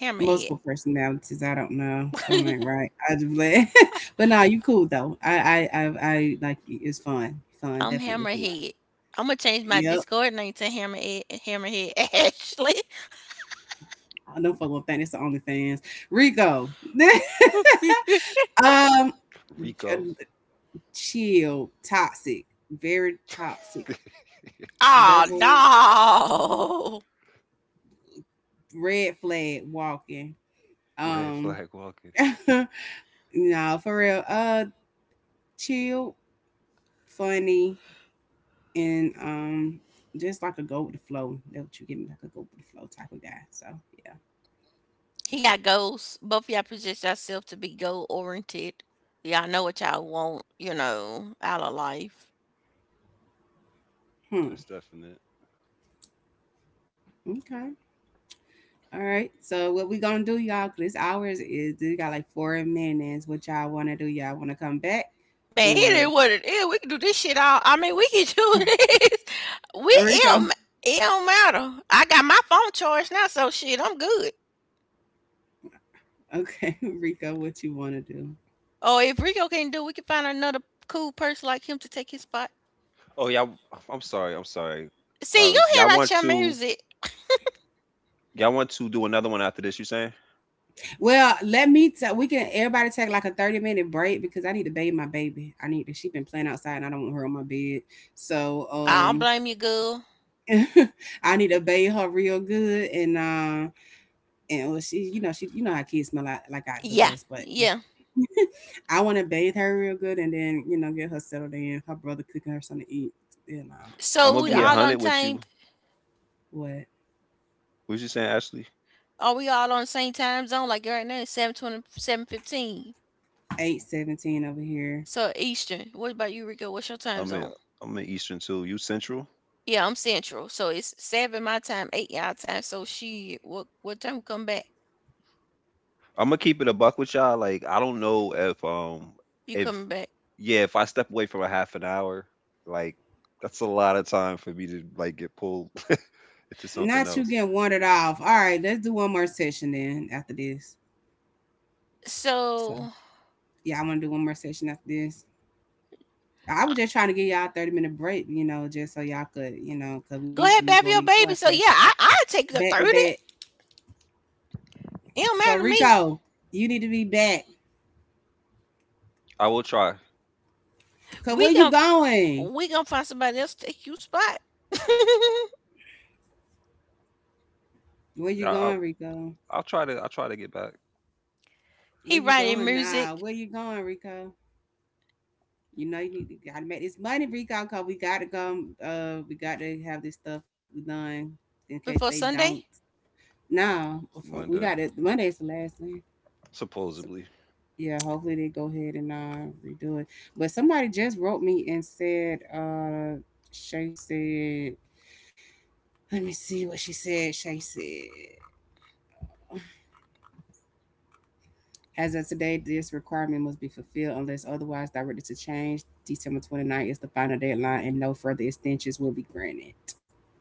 Speaker 2: Hammerhead.
Speaker 1: multiple personalities. I don't know. Some ain't right. I just let, but nah, you cool though. I like you. It's fun. Fun,
Speaker 2: I'm
Speaker 1: definitely fun.
Speaker 2: Hammerhead. I'm gonna change my
Speaker 1: Yep.
Speaker 2: Discord name to Hammerhead Hammerhead Ashley.
Speaker 1: I don't fuck with that. It's the only fans. Rico. um,
Speaker 3: Rico.
Speaker 1: chill, toxic, very toxic, level
Speaker 2: Oh, no.
Speaker 1: red flag walking.
Speaker 3: Red
Speaker 1: Um,
Speaker 3: flag walking.
Speaker 1: no, for real. Chill, funny, and just like a go with the flow. That what you give me, like a go with the flow type of guy. So yeah.
Speaker 2: He got goals. Both of y'all position yourself to be goal oriented. Y'all know what y'all want, out of life.
Speaker 1: Hmm.
Speaker 3: That's definite.
Speaker 1: Okay. All right. So what we gonna do, y'all? 'Cause this hour is- we got like four minutes. What y'all wanna do? Y'all wanna come back
Speaker 2: Man, it
Speaker 1: or
Speaker 2: is what it is. We can do this shit all. I mean, we can do this. We it
Speaker 1: Rico?
Speaker 2: don't, it don't matter. I got my phone charged now, so shit, I'm good.
Speaker 1: Okay, Rico, what you wanna do?
Speaker 2: Or if Rico can't do, it, we can find another cool person like him to take his spot.
Speaker 3: Oh yeah. I'm sorry. I'm sorry. I
Speaker 2: See,
Speaker 3: was.
Speaker 2: you
Speaker 3: Y'all
Speaker 2: here
Speaker 3: want
Speaker 2: at your
Speaker 3: to.
Speaker 2: music.
Speaker 3: Y'all want to do another one after this? You saying?
Speaker 1: Well, let me tell. We can everybody take like a 30 minute break because I need to bathe my baby. I need to. She been playing outside, and I don't want her on my bed. So
Speaker 3: hmm
Speaker 2: I don't blame you, girl.
Speaker 1: I need to bathe her real good, and well, she, you know, you know how kids smell like the
Speaker 2: Yeah,
Speaker 1: worst, but
Speaker 2: yeah.
Speaker 1: I want to bathe her real good, and then you know get her settled in. Her brother cooking her something to eat, and
Speaker 3: I'm gonna
Speaker 2: So we
Speaker 3: be a
Speaker 1: yeah,
Speaker 2: all
Speaker 3: hundred
Speaker 2: on
Speaker 3: with
Speaker 2: time.
Speaker 3: you.
Speaker 1: what
Speaker 3: What you saying, Ashley?
Speaker 2: Are we all on the same time zone? Like right now, it's 7:20,
Speaker 1: 8:17 over here.
Speaker 2: so Eastern. What about you, Rico? What's your time
Speaker 3: I'm in
Speaker 2: zone?
Speaker 3: I'm in Eastern too. You Central.
Speaker 2: Yeah, I'm Central. So it's 7 my time, 8 y'all time. So she, what time we come back?
Speaker 3: I'm gonna keep it a buck with y'all. Like I don't know
Speaker 2: You
Speaker 3: if
Speaker 2: coming back.
Speaker 3: yeah if I step away from a half an hour like that's a lot of time for me to like get pulled into something
Speaker 1: Not you
Speaker 3: else.
Speaker 1: getting wandered off. All right, let's do one more session then after this. So.
Speaker 2: So
Speaker 1: Yeah, I want to do one more session after this. I was just trying to give y'all a 30-minute break, you know, just so y'all could, you know, because
Speaker 2: go
Speaker 1: we
Speaker 2: ahead,
Speaker 1: doing
Speaker 2: baby
Speaker 1: these
Speaker 2: your baby.
Speaker 1: podcasts
Speaker 2: So yeah, I take the
Speaker 1: back to
Speaker 2: 30.
Speaker 1: back.
Speaker 2: It don't
Speaker 1: So,
Speaker 2: matter to me.
Speaker 1: Rico, you need to be back.
Speaker 3: I will try.
Speaker 1: Because where
Speaker 2: We
Speaker 1: you
Speaker 2: gon'
Speaker 1: going?
Speaker 2: we gonna find somebody else to take you spot.
Speaker 1: Where
Speaker 3: I-
Speaker 1: you going,
Speaker 3: I'll
Speaker 1: Rico?
Speaker 3: I'll try to get back
Speaker 1: Where
Speaker 2: He
Speaker 1: you
Speaker 2: writing
Speaker 1: going now?
Speaker 2: music
Speaker 1: Where you going, Rico? You know, you need to gotta make this money, Rico, because we got to go. We got to have this stuff done in case they
Speaker 2: before
Speaker 1: don't.
Speaker 2: Sunday?
Speaker 1: No, before we got
Speaker 3: Monday
Speaker 1: to, Monday is the last thing.
Speaker 3: supposedly.
Speaker 1: Yeah, hopefully they go ahead and redo it. But somebody just wrote me and said, Shay said, let me see what she said. Shay said, as of today, this requirement must be fulfilled unless otherwise directed to change. December 29th is the final deadline, and no further extensions will be granted.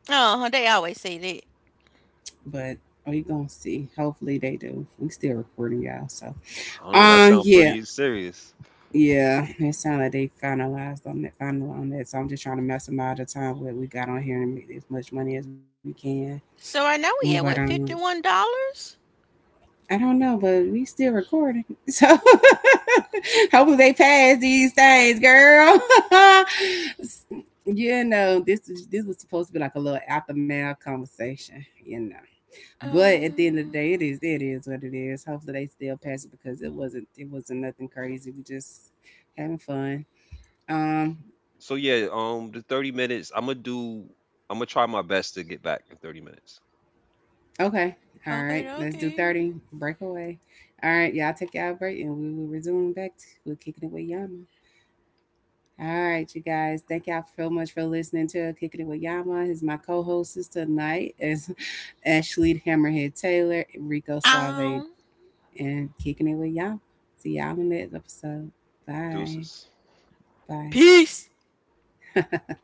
Speaker 2: Oh, they always say that.
Speaker 1: But we gonna see. Hopefully they do. We still recording y'all, so
Speaker 3: I don't know. That sounds
Speaker 1: yeah.
Speaker 3: pretty serious.
Speaker 1: Yeah, it sounded like they finalized on that final on that. So I'm just trying to maximize the time that we got on here and make as much money as we can.
Speaker 2: So I
Speaker 1: Mm,
Speaker 2: know
Speaker 1: but
Speaker 2: we had what $51.
Speaker 1: I don't know, but we still recording. So hopefully they pass these things, girl. you know, this was supposed to be like a little aftermath conversation, you know. But at the end of the day,
Speaker 2: Oh,
Speaker 1: it is what it is. Hopefully they still pass it because it wasn't nothing crazy. We just having fun. Um,
Speaker 3: So yeah, the 30 minutes. I'm gonna do. I'm gonna try my best to get back in 30 minutes.
Speaker 1: Okay. All right.
Speaker 2: okay,
Speaker 1: Let's do 30.
Speaker 2: okay.
Speaker 1: Breakaway. All right. Y'all take y'all break and we will resume back. To, we're kicking it with Yama. All right, you guys. Thank y'all so much for listening to Kicking It with Yama. Is my co-hostess tonight is Ashley Hammerhead Taylor, Rico Suave,
Speaker 2: Um,
Speaker 1: and Kicking It with Yama. See y'all in the next episode. Bye.
Speaker 3: Deuces.
Speaker 1: Bye.
Speaker 2: peace.